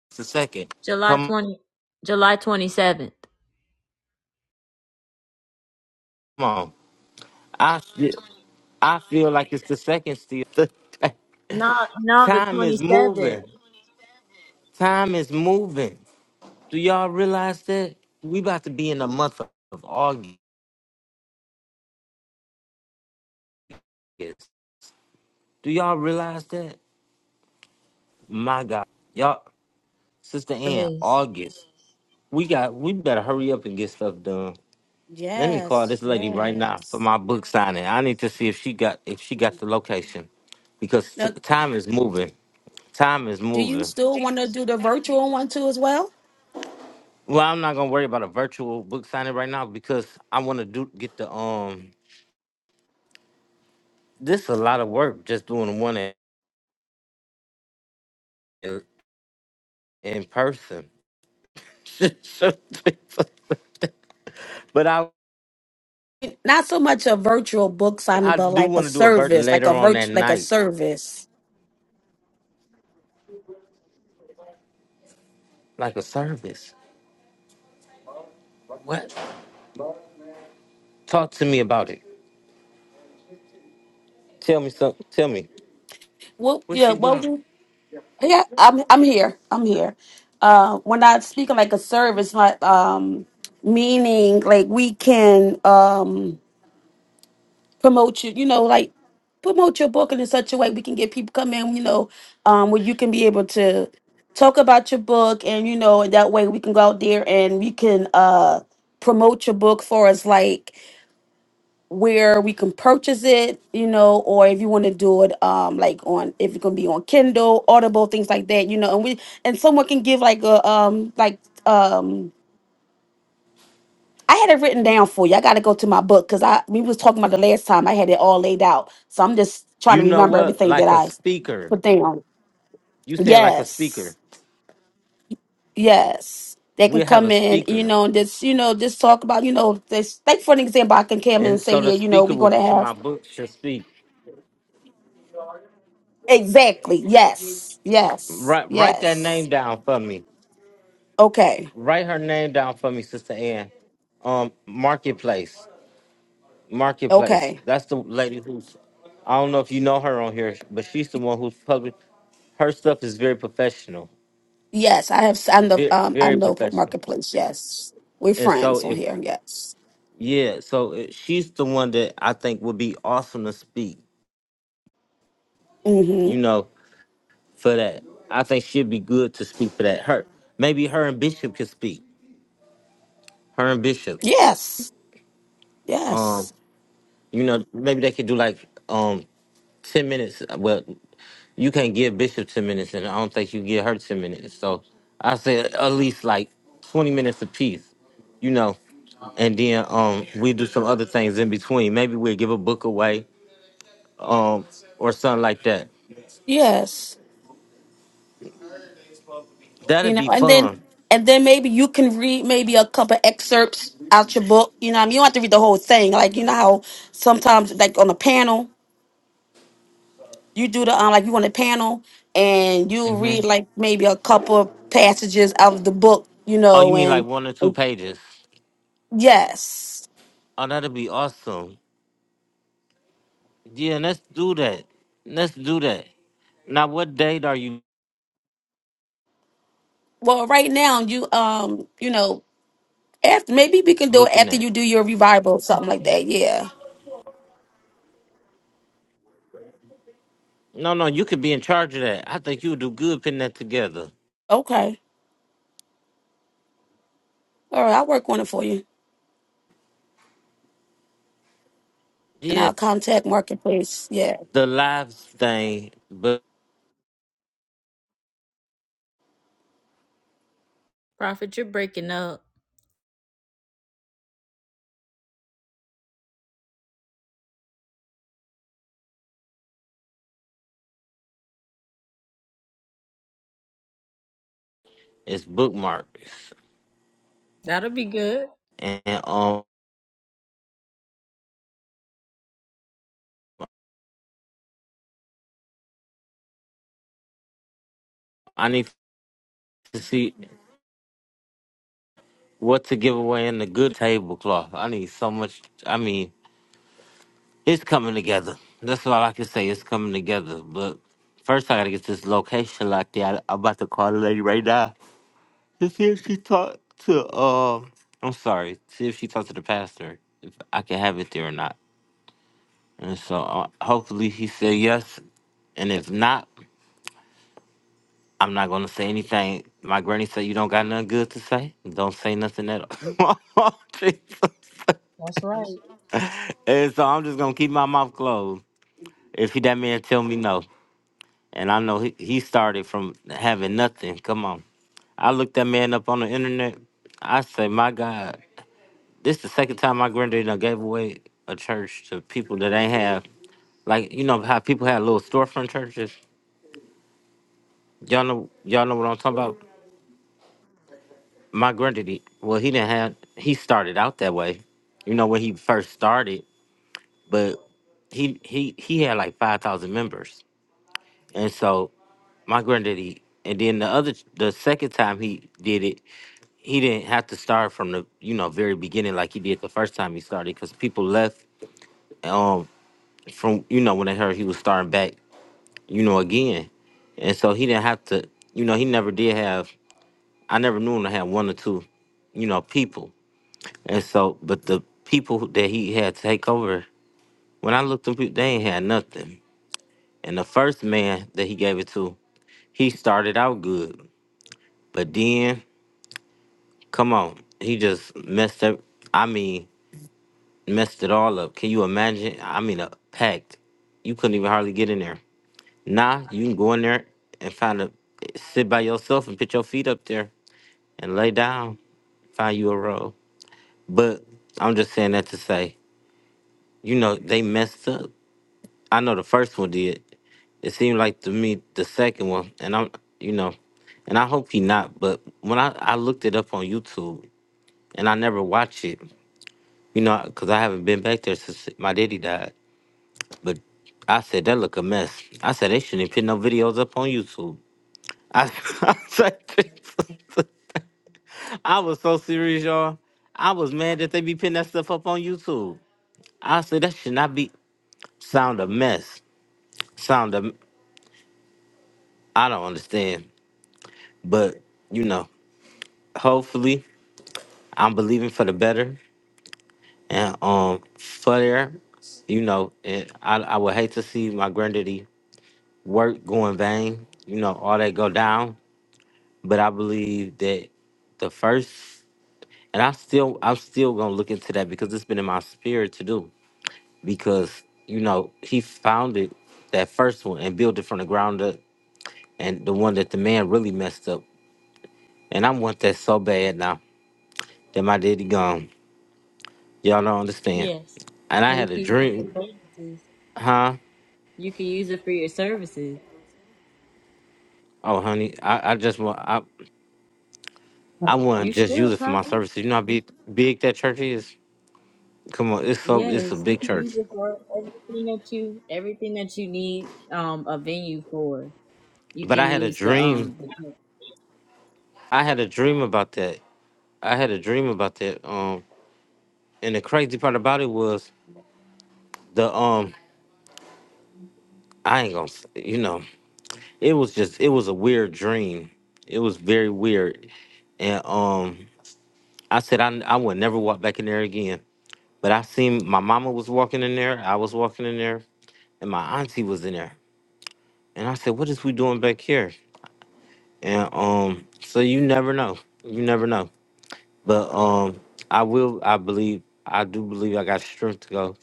Speaker 1: It's the second.
Speaker 2: July
Speaker 1: Come
Speaker 2: twenty, July twenty seventh.
Speaker 1: on. I feel, I feel like it's the second still.
Speaker 2: No, no, the
Speaker 1: time
Speaker 2: twenty
Speaker 1: is
Speaker 2: seventh.
Speaker 1: moving. Time is moving. Do y'all realize that? We about to be in the month of of August. Do y'all realize that? My God. Y'all Sister Ann,
Speaker 2: Yes,
Speaker 1: August. We got we better hurry up and get stuff done. Let me call
Speaker 5: Yes,
Speaker 1: this lady right now for
Speaker 5: yes.
Speaker 1: my book signing. I need to see if she got if she got the location, because t-
Speaker 5: Now,
Speaker 1: time is moving. Time is
Speaker 5: do you
Speaker 1: moving.
Speaker 5: still want to do the virtual one too as well?
Speaker 1: Well, I'm not gonna worry about a virtual book signing right now because I want to do get the um. This is a lot of work just doing one in in, in person. but I
Speaker 5: Not so much a virtual book signing,
Speaker 1: I
Speaker 5: but
Speaker 1: do
Speaker 5: like a
Speaker 1: want to do a virtual
Speaker 5: service, like
Speaker 1: later
Speaker 5: a
Speaker 1: on that
Speaker 5: virtu- like a
Speaker 1: night,
Speaker 5: service.
Speaker 1: like a service. What? Talk to me about it. Tell me something. Tell me
Speaker 5: Well,
Speaker 1: where
Speaker 5: yeah,
Speaker 1: she
Speaker 5: well,
Speaker 1: going.
Speaker 5: we- yeah. I'm I'm here. I'm here. Uh, when I speak of like a service, like um, meaning like we can um. promote you, you know, like promote your book in such a way we can get people come in, you know, um, where you can be able to talk about your book and you know, and that way we can go out there and we can uh promote your book for us like where we can purchase it, you know, or if you want to do it um like on if it's gonna be on Kindle, Audible, things like that, you know, and we and someone can give like a um like um I had it written down for you. I got to go to my book because I we was talking about the last time. I had it all laid out, so I'm just trying
Speaker 1: You
Speaker 5: to
Speaker 1: know
Speaker 5: remember
Speaker 1: what?
Speaker 5: everything that
Speaker 1: Like a
Speaker 5: I
Speaker 1: speaker.
Speaker 5: put down.
Speaker 1: You saying like a
Speaker 5: Yes,
Speaker 1: speaker.
Speaker 5: yes, they
Speaker 1: We
Speaker 5: can
Speaker 1: have a
Speaker 5: come in, you
Speaker 1: speaker.
Speaker 5: know, and just you know, just talk about you know this. Like for an example, I can come in
Speaker 1: And
Speaker 5: and say,
Speaker 1: so the
Speaker 5: yeah, you know,
Speaker 1: speaker
Speaker 5: we're
Speaker 1: will
Speaker 5: gonna
Speaker 1: push
Speaker 5: have
Speaker 1: my book to speak.
Speaker 5: exactly. Yes, yes,
Speaker 1: Write write that
Speaker 5: yes.
Speaker 1: name down for me.
Speaker 5: Okay,
Speaker 1: Write her name down for me, Sister Ann. Um Marketplace. Marketplace.
Speaker 5: okay.
Speaker 1: That's the lady who's I don't know if you know her on here, but she's the one who's public her stuff is very professional.
Speaker 5: Yes, I have. I know.
Speaker 1: Very,
Speaker 5: Um, I
Speaker 1: very
Speaker 5: know
Speaker 1: professional.
Speaker 5: marketplace. Yes, we're
Speaker 1: And so
Speaker 5: friends on
Speaker 1: if
Speaker 5: here. Yes.
Speaker 1: Yeah, so uh, she's the one that I think would be awesome to speak, you
Speaker 5: Mm-hmm.
Speaker 1: know, for that. I think she'd be good to speak for that. Her maybe her and Bishop could speak. Her and Bishop.
Speaker 5: Yes. Yes.
Speaker 1: Um, you know, maybe they could do like um ten minutes. uh, Well, you can't give Bishop ten minutes and I don't think you give her ten minutes. So I say at least like twenty minutes apiece, you know. And then um we do some other things in between. Maybe we'll give a book away, um, or something like that.
Speaker 5: Yes, you
Speaker 1: That'd
Speaker 5: know,
Speaker 1: be
Speaker 5: and then
Speaker 1: fun.
Speaker 5: and then maybe you can read maybe a couple excerpts out your book. You know, what I mean, you don't have to read the whole thing. Like you know how sometimes, like on a panel, you do the um, like you on a panel and you
Speaker 1: hmm
Speaker 5: read like maybe a couple passages out of the book. You
Speaker 1: Oh, you
Speaker 5: know,
Speaker 1: mean like
Speaker 5: and
Speaker 1: one or two pages?
Speaker 5: yes,
Speaker 1: Oh, that'd be awesome. Yeah, let's do that. Let's do that. Now, what date are you
Speaker 5: well, right now you um, you know, after maybe we can do it
Speaker 1: looking
Speaker 5: after
Speaker 1: at?
Speaker 5: you do your revival or something like that. Yeah.
Speaker 1: No, no, you could be in charge of that. I think you would do good putting that together.
Speaker 5: Okay. All right, I'll work on it for you, and
Speaker 1: Yeah,
Speaker 5: I'll contact marketplace. Yeah.
Speaker 1: the lives thing, but
Speaker 2: Prophet, you're breaking up.
Speaker 1: it's bookmarks,
Speaker 2: That'll be good.
Speaker 1: and um, I need to see what to give away in the good tablecloth. I need so much. I mean, It's coming together. That's all I can say. It's coming together. But first, I gotta get this location locked in. I, I'm about to call the lady right now to see if she talked to. Um, I'm sorry. See if she talked to the pastor. If I can have it there or not. And so uh, hopefully he said yes. And if not, I'm not gonna say anything. My granny said you don't got nothing good to say. Don't say nothing at all. Jesus.
Speaker 2: That's right.
Speaker 1: and so I'm just gonna keep my mouth closed. If he that man tell me no. and I know he, he started from having nothing. Come on. I looked that man up on the internet. I say, my God, this the second time my granddaddy done gave away a church to people that ain't have like you know how people had little storefront churches. Y'all know y'all know what I'm talking about. My granddaddy, well, he didn't have. He started out that way, you know, when he first started. But he he he had like five thousand members, and so my granddaddy. And then the other, the second time he did it, he didn't have to start from the you know very beginning like he did the first time he started because people left um from you know when they heard he was starting back you know again and so he didn't have to you know he never did have i never knew him to have one or two you know people and so but the people who- that he had take over when i looked up they ain't had nothing and the first man that he gave it to he started out good but then come on he just messed up i mean messed it all up. Can you imagine? I mean, uh, packed. You couldn't even hardly get in there. Nah, you can go in there and find a sit by yourself and put your feet up there and lay down. Find you a row. But I'm just saying that to say, you know, they messed up. I know the first one did. It seemed like to me the second one, and I'm, you know, and I hope he not. But when I I looked it up on YouTube, and I never watch it, you know, because I haven't been back there since my daddy died. But I said that look a mess. I said they shouldn't put no videos up on YouTube. I, I said I was so serious, y'all. I was mad that they be putting that stuff up on YouTube. I said that should not be sound a mess. Sound a I don't understand. But you know, hopefully I'm believing for the better. And um for there, you know, and I I would hate to see my granddaddy work go in vain. You know, all that go down. but I believe that the first, and I still, I'm still gonna look into that because it's been in my spirit to do. Because you know, he founded that first one and built it from the ground up, and the one that the man really messed up. And I want that so bad now that my daddy gone. Y'all don't understand.
Speaker 2: Yes,
Speaker 1: And I
Speaker 2: and you
Speaker 1: had a
Speaker 2: can use it
Speaker 1: dream,
Speaker 2: for services.
Speaker 1: huh?
Speaker 2: You can use it for your services.
Speaker 1: Oh, honey, I, I just want, I, I want
Speaker 2: You
Speaker 1: to just use
Speaker 2: should,
Speaker 1: it for my
Speaker 2: Prophet.
Speaker 1: services. You know how big, big that church is. Come on, it's so, it's a
Speaker 2: Yes, you
Speaker 1: big
Speaker 2: can use
Speaker 1: church.
Speaker 2: it for everything that you everything that you need um a venue for. You
Speaker 1: But I
Speaker 2: can
Speaker 1: had a
Speaker 2: use the
Speaker 1: dream
Speaker 2: um. The,
Speaker 1: I had a dream about that. I had a dream about that. Um, and the crazy part about it was the um, I ain't gonna, s- you know, it was just it was a weird dream. It was very weird, and um, I said I I would never walk back in there again. But I seen my mama was walking in there. I was walking in there, and my auntie was in there. And I said, what is we doing back here? And um, so you never know. You never know. But um, I will. I believe. I do believe I got strength to go.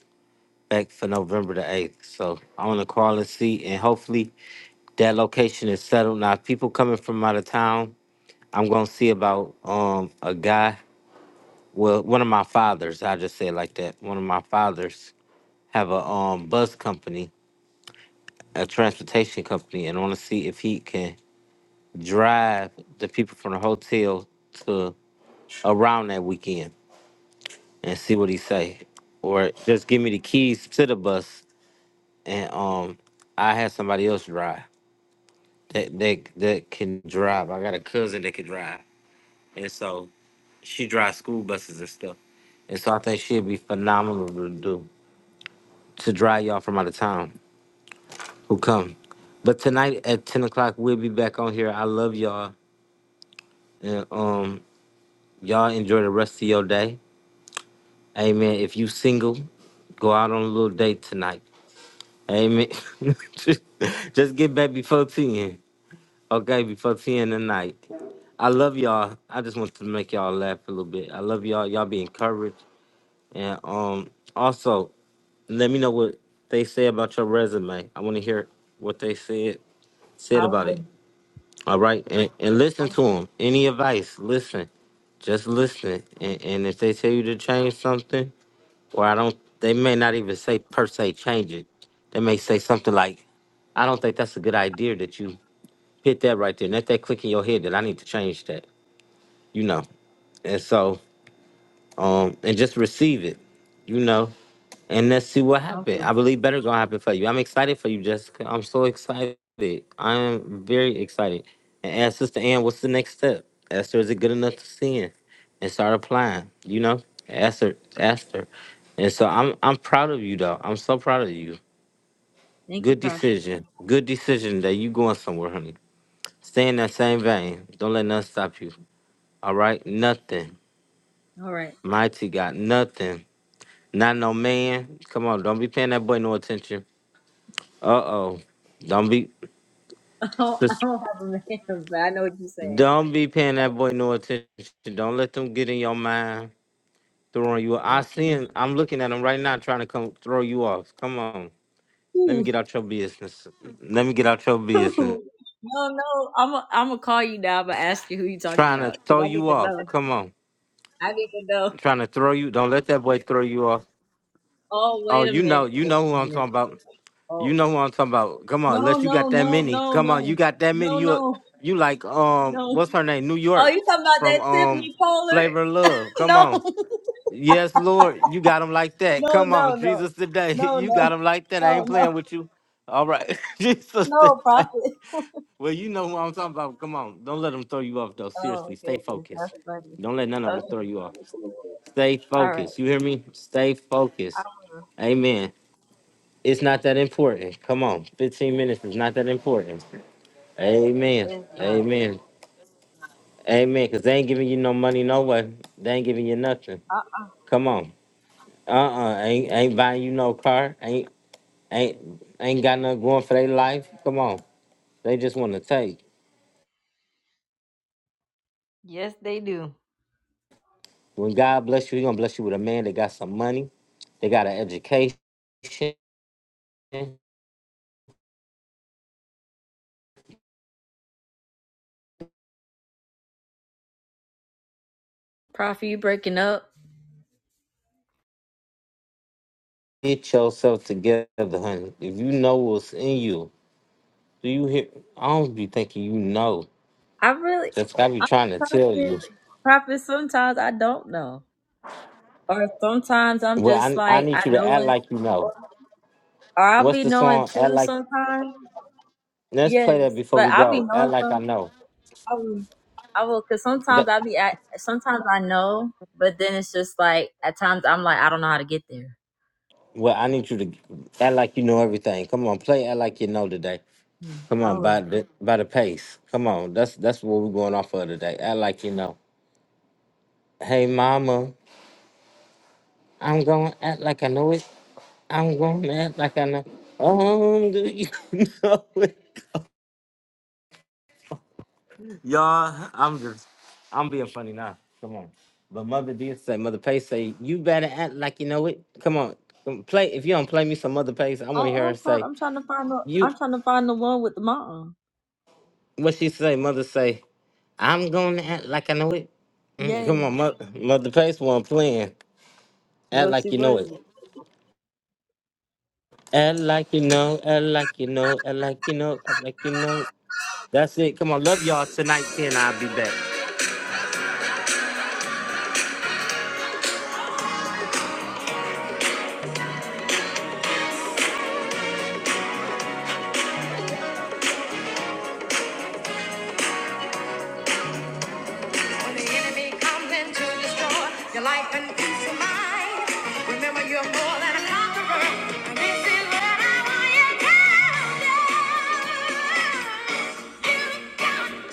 Speaker 1: back for November the 8th. So I want to call and see, and hopefully that location is settled. Now, if people coming from out of town, I'm going to see about um a guy, well, one of my fathers, I just say it like that. One of my fathers have a um bus company, a transportation company, and I want to see if he can drive the people from the hotel to around that weekend and see what he say. Or just give me the keys to the bus and um I had somebody else drive. that that that can drive. I got a cousin that can drive, and so she drives school buses and stuff. And so I think she'd be phenomenal to do to drive y'all from out of town who come. But tonight at ten o'clock we'll be back on here. I love y'all, and um, y'all enjoy the rest of your day. Amen. If you single, go out on a little date tonight. Amen. Just get back before ten. Okay, before 10 tonight. I love y'all. I just want to make y'all laugh a little bit. I love y'all. Y'all be encouraged. And um also let me know what they say about your resume. I want to hear what they said said
Speaker 2: I
Speaker 1: about it.
Speaker 2: will.
Speaker 1: All right. And and listen to them. Any advice, listen. Just listen. And and if they tell you to change something, or I don't they may not even say per se change it. They may say something like, I don't think that's a good idea that you hit that right there. And let that click in your head that I need to change that, you know. And so, um, and just receive it, you know, and let's see what
Speaker 2: I
Speaker 1: happens.
Speaker 2: will.
Speaker 1: I believe better gonna happen for you. I'm excited for you, Jessica. I'm so excited. I am very excited. And ask Sister Ann, what's the next step? Ask her, is it good enough to sin? And start applying, you know? Ask her, ask her. And so I'm I'm proud of you though. I'm so proud of you.
Speaker 2: Thank you,
Speaker 1: Good
Speaker 2: Prophet.
Speaker 1: decision. Good decision that you going somewhere, honey. Stay in that same vein. Don't let nothing stop you. All right, nothing.
Speaker 2: All right.
Speaker 1: Mighty God, nothing. Not no man. Come on, don't be paying that boy no attention. Uh oh, don't be
Speaker 2: I don't, I
Speaker 1: sis-
Speaker 2: don't have a man, but I know what you're saying.
Speaker 1: don't be paying that boy no attention. Don't let them get in your mind, throwing you. I
Speaker 2: Uh-uh.
Speaker 1: seeing. I'm looking at them right now, trying to come throw you off. Come on, let me
Speaker 2: Ooh,
Speaker 1: get out your business. Let me get out your business.
Speaker 2: ooh. No, no, I'm i I'm gonna call you now. I'm gonna ask you who you talking
Speaker 1: Trying to
Speaker 2: about
Speaker 1: throw
Speaker 2: because I need
Speaker 1: you
Speaker 2: to
Speaker 1: off.
Speaker 2: know.
Speaker 1: Come on,
Speaker 2: I need to know.
Speaker 1: trying to throw you. Don't let that boy throw you off.
Speaker 2: Oh,
Speaker 1: Oh,
Speaker 2: wait a
Speaker 1: you know,
Speaker 2: minute.
Speaker 1: you
Speaker 2: Wait
Speaker 1: know
Speaker 2: a
Speaker 1: who I'm
Speaker 2: minute.
Speaker 1: talking about.
Speaker 2: Oh,
Speaker 1: You know what I'm talking about. Come on,
Speaker 2: no,
Speaker 1: unless you
Speaker 2: no,
Speaker 1: got that
Speaker 2: no,
Speaker 1: many.
Speaker 2: no,
Speaker 1: Come on, you
Speaker 2: no,
Speaker 1: got that many.
Speaker 2: no,
Speaker 1: You
Speaker 2: no,
Speaker 1: you like um
Speaker 2: no.
Speaker 1: what's her name? New
Speaker 2: Oh,
Speaker 1: York
Speaker 2: you talking about
Speaker 1: from
Speaker 2: that
Speaker 1: um
Speaker 2: Tiffany Pollard?
Speaker 1: Flavor of Love. Come on. Yes, Lord, you got them like that.
Speaker 2: No, no,
Speaker 1: Come on,
Speaker 2: no, no, no,
Speaker 1: Jesus today.
Speaker 2: no,
Speaker 1: You got them like that. I
Speaker 2: no,
Speaker 1: ain't
Speaker 2: no,
Speaker 1: playing with you. All right. Jesus
Speaker 2: no,
Speaker 1: today.
Speaker 2: prophet.
Speaker 1: Well, you know what I'm talking about. Come on. Don't let them throw you off though. Seriously,
Speaker 2: Oh,
Speaker 1: stay
Speaker 2: goodness,
Speaker 1: focused.
Speaker 2: that's funny.
Speaker 1: Don't let none of them
Speaker 2: Okay,
Speaker 1: throw you off. Stay
Speaker 2: all right. I
Speaker 1: focused. You hear me? Stay
Speaker 2: uh,
Speaker 1: focused. Amen. It's not that important. Come on, 15 minutes is not that important. Amen.
Speaker 2: It's not.
Speaker 1: Amen. Amen. Cause they ain't giving you no money, no way. They ain't giving you nothing.
Speaker 2: I-
Speaker 1: Come on. Uh uh Ain't ain't buying you no car. Ain't ain't ain't got nothing going for their life. Come on. They just want to take.
Speaker 2: yes, they do.
Speaker 1: When God bless you, He gonna bless you with a man that got some money. They got an education.
Speaker 2: Prophet, you breaking up?
Speaker 1: Get yourself together, honey. If you know what's in you, do you hear? I don't be thinking you know.
Speaker 2: I really,
Speaker 1: That's what I be
Speaker 2: I'm
Speaker 1: trying to tell
Speaker 2: prophet,
Speaker 1: you.
Speaker 2: prophet. Sometimes I don't know, or sometimes I'm
Speaker 1: Well,
Speaker 2: just
Speaker 1: I I
Speaker 2: like
Speaker 1: need
Speaker 2: I
Speaker 1: you to
Speaker 2: know
Speaker 1: act
Speaker 2: it,
Speaker 1: like you know.
Speaker 2: or I'll
Speaker 1: What's
Speaker 2: be
Speaker 1: the
Speaker 2: knowing
Speaker 1: song? Act
Speaker 2: too.
Speaker 1: like.
Speaker 2: Sometimes,
Speaker 1: Let's play that
Speaker 2: yes,
Speaker 1: before
Speaker 2: but
Speaker 1: we
Speaker 2: I'll be
Speaker 1: go. Act
Speaker 2: knowing
Speaker 1: like I
Speaker 2: some.
Speaker 1: know.
Speaker 2: I will, I will, cause sometimes
Speaker 1: That.
Speaker 2: I'll be at. Sometimes I know, but then it's just like at times I'm like I don't know how to get there.
Speaker 1: Well, I need you to act like you know everything. Come on, play act like you know today.
Speaker 2: Hmm,
Speaker 1: Come
Speaker 2: I
Speaker 1: on,
Speaker 2: will.
Speaker 1: by the by the pace. Come on, that's that's what we're going off of today. Act like you know. Hey, mama, I'm gonna act like I know it. I'm gonna act like I know. Um, do you know it? Y'all, I'm just, I'm being funny now. Come on. But Mother did say, Mother Pace say, you better act like you know it. Come on. Come Play, if you don't play me some Mother Pace, I
Speaker 2: I,
Speaker 1: want to hear her
Speaker 2: I'm, prob-
Speaker 1: say,
Speaker 2: I'm trying to find the.
Speaker 1: you,
Speaker 2: I'm trying to find the one with the mom.
Speaker 1: what she say, Mother say, I'm going to act like I know it. Mm,
Speaker 2: Yeah.
Speaker 1: Come on, Mother, Mother Pace one playing. Act
Speaker 2: No, she
Speaker 1: like you know
Speaker 2: was.
Speaker 1: it. Act like you know, act like you know, act like you know, act like you know. That's it. Come on, love y'all tonight, 10. I'll be back.
Speaker 2: When the enemy comes in to destroy your life and peace of mind, remember you're more than a conqueror. And this is what I want you to know. You got to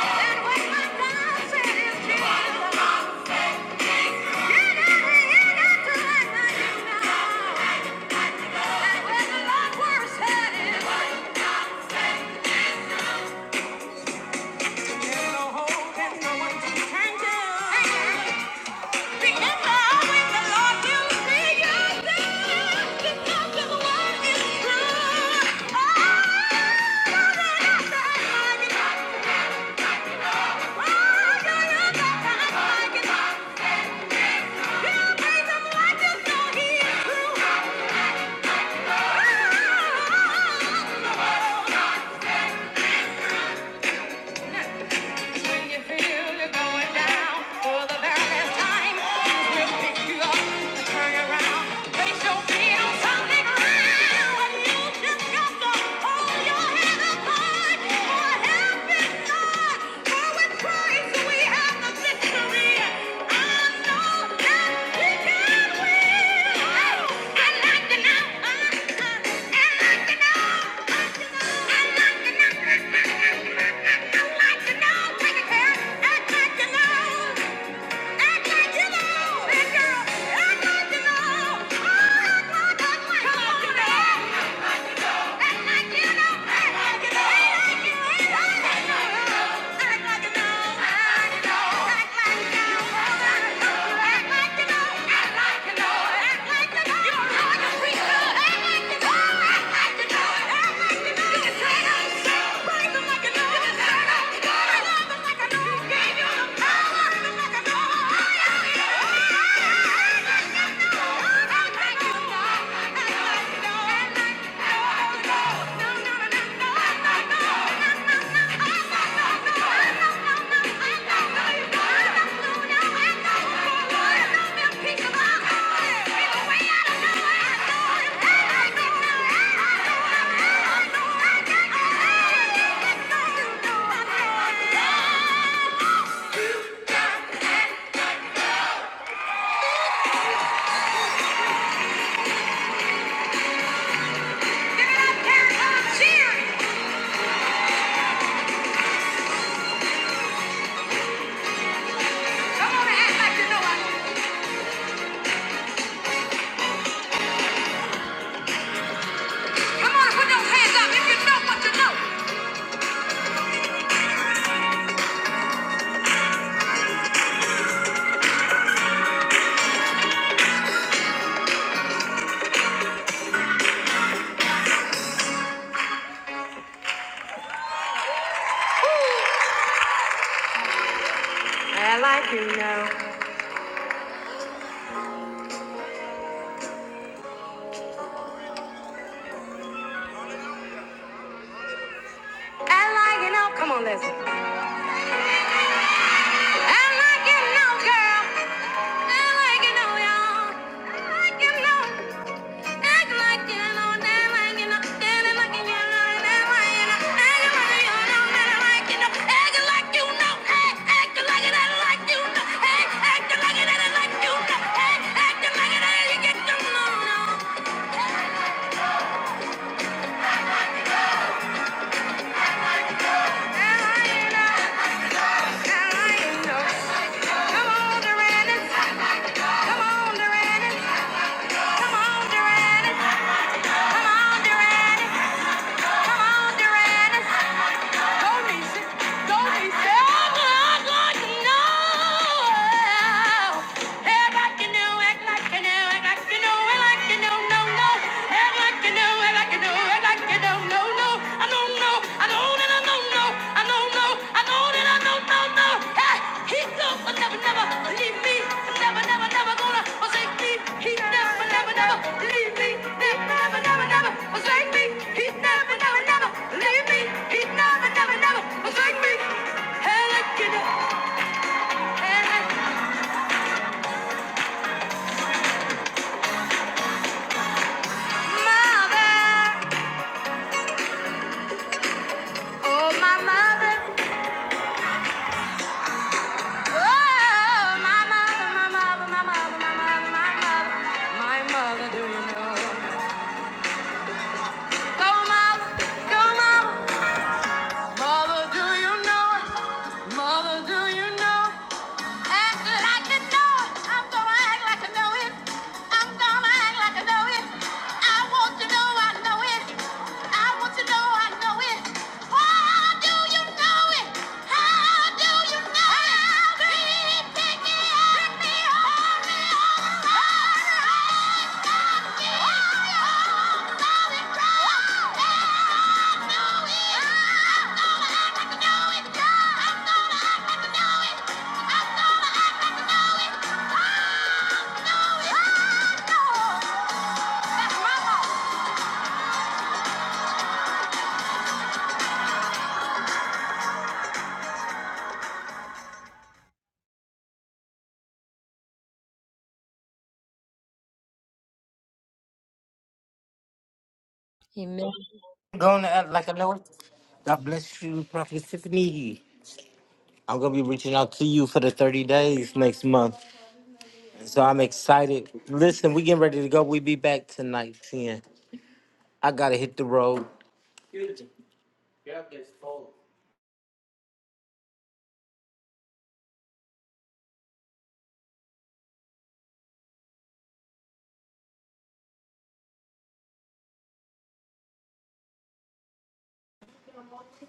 Speaker 2: stand with my God said is true. You got to, you got to let my you know. That when the Lord word said is true. Ain't no hope and no one to turn to. Oh, oh, oh, oh, oh, oh, oh. When you feel you're going down for the very last time, you will pick you up and turn around. They show feel something real when you just got to hold your head up high for a helping hand. How it cries, have the victory. know I like to know. I like to know. I like to know. I like to know. I like to know. Thank you. Cheers! Come on and act like you know I know. Come on, put those hands up if you know what you know. I like you know. I like you know. Come on, listen. I like you know, girl. I like you know, y'all. I like you know. Act like you know. I like you know. Standing like you know. Act like you know. Act like you know. Act like you know. Act like you know. Hey, act like you know. Act like you know. Hey, act like you know. Act like you know. Hey, act like it. I like you know. No, no. Come on, Duran. Come on, Duran. Come on, Duran. Come on, Duran. Duran. Don't be shy. Don't be shy. Oh, oh, oh, no! Act like you know. Act like you know. Act like you know. Act like you know. No, no. Act like you know. Act like you know. Act like you know. No, no. I know, know. I know, and I know, know. I know, know. No, no, no, no, no, no. Hey, he do never, never leave me. Never, never, never gonna forsake me. He never, never, never leave me. Never, never, never, never forsake me. He never, never, never leave me. He never, never, never forsake me. Mother, oh my mother, oh my mother, my mother, my mother, my mother, my mother, my mother, do you know? Go mother, go mother. Mother, do you know it? Mother, do you know? it? Act like you know it. I'm gonna act like I know it. I'm gonna act like I know it. I want to know I know it. I want to know I know it. How do you know it? How do you know it? I'll Be picky, pick me up, pick me up. He missed.
Speaker 1: Going to act like I know it. God bless you, Prophet Tiffany. I'm gonna be reaching out to you for the 30 days next month. So I'm excited. Listen, we getting ready to go. We be back tonight, 10. I gotta hit the road.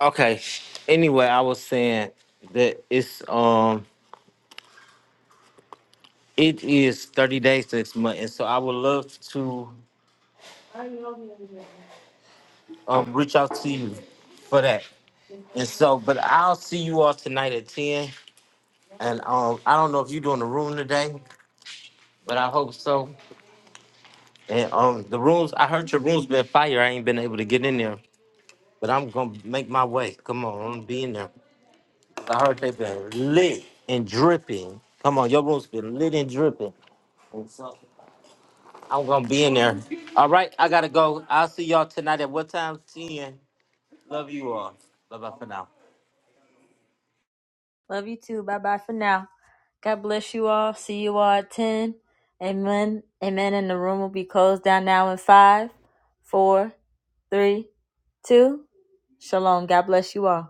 Speaker 1: Okay. Anyway, I was saying that it's um it is 30 days next month, and so I would love to um reach out to you for that. And so, but I'll see you all tonight at 10. And um I don't know if you're doing the room today, but I hope so. And um, the rooms, I heard your room's been fire. I ain't been able to get in there, but I'm gonna make my way. Come on, I'm gonna be in there. I heard they've been lit and dripping. Come on, your room's been lit and dripping. And so I'm gonna be in there. All right, I gotta go. I'll see y'all tonight at what time? 10. Love you all. Bye bye for now.
Speaker 2: Love you too. Bye bye for now. God bless you all. See you all at 10. Amen. Amen. And the room will be closed down now in five, four, three, two. Shalom. God bless you all.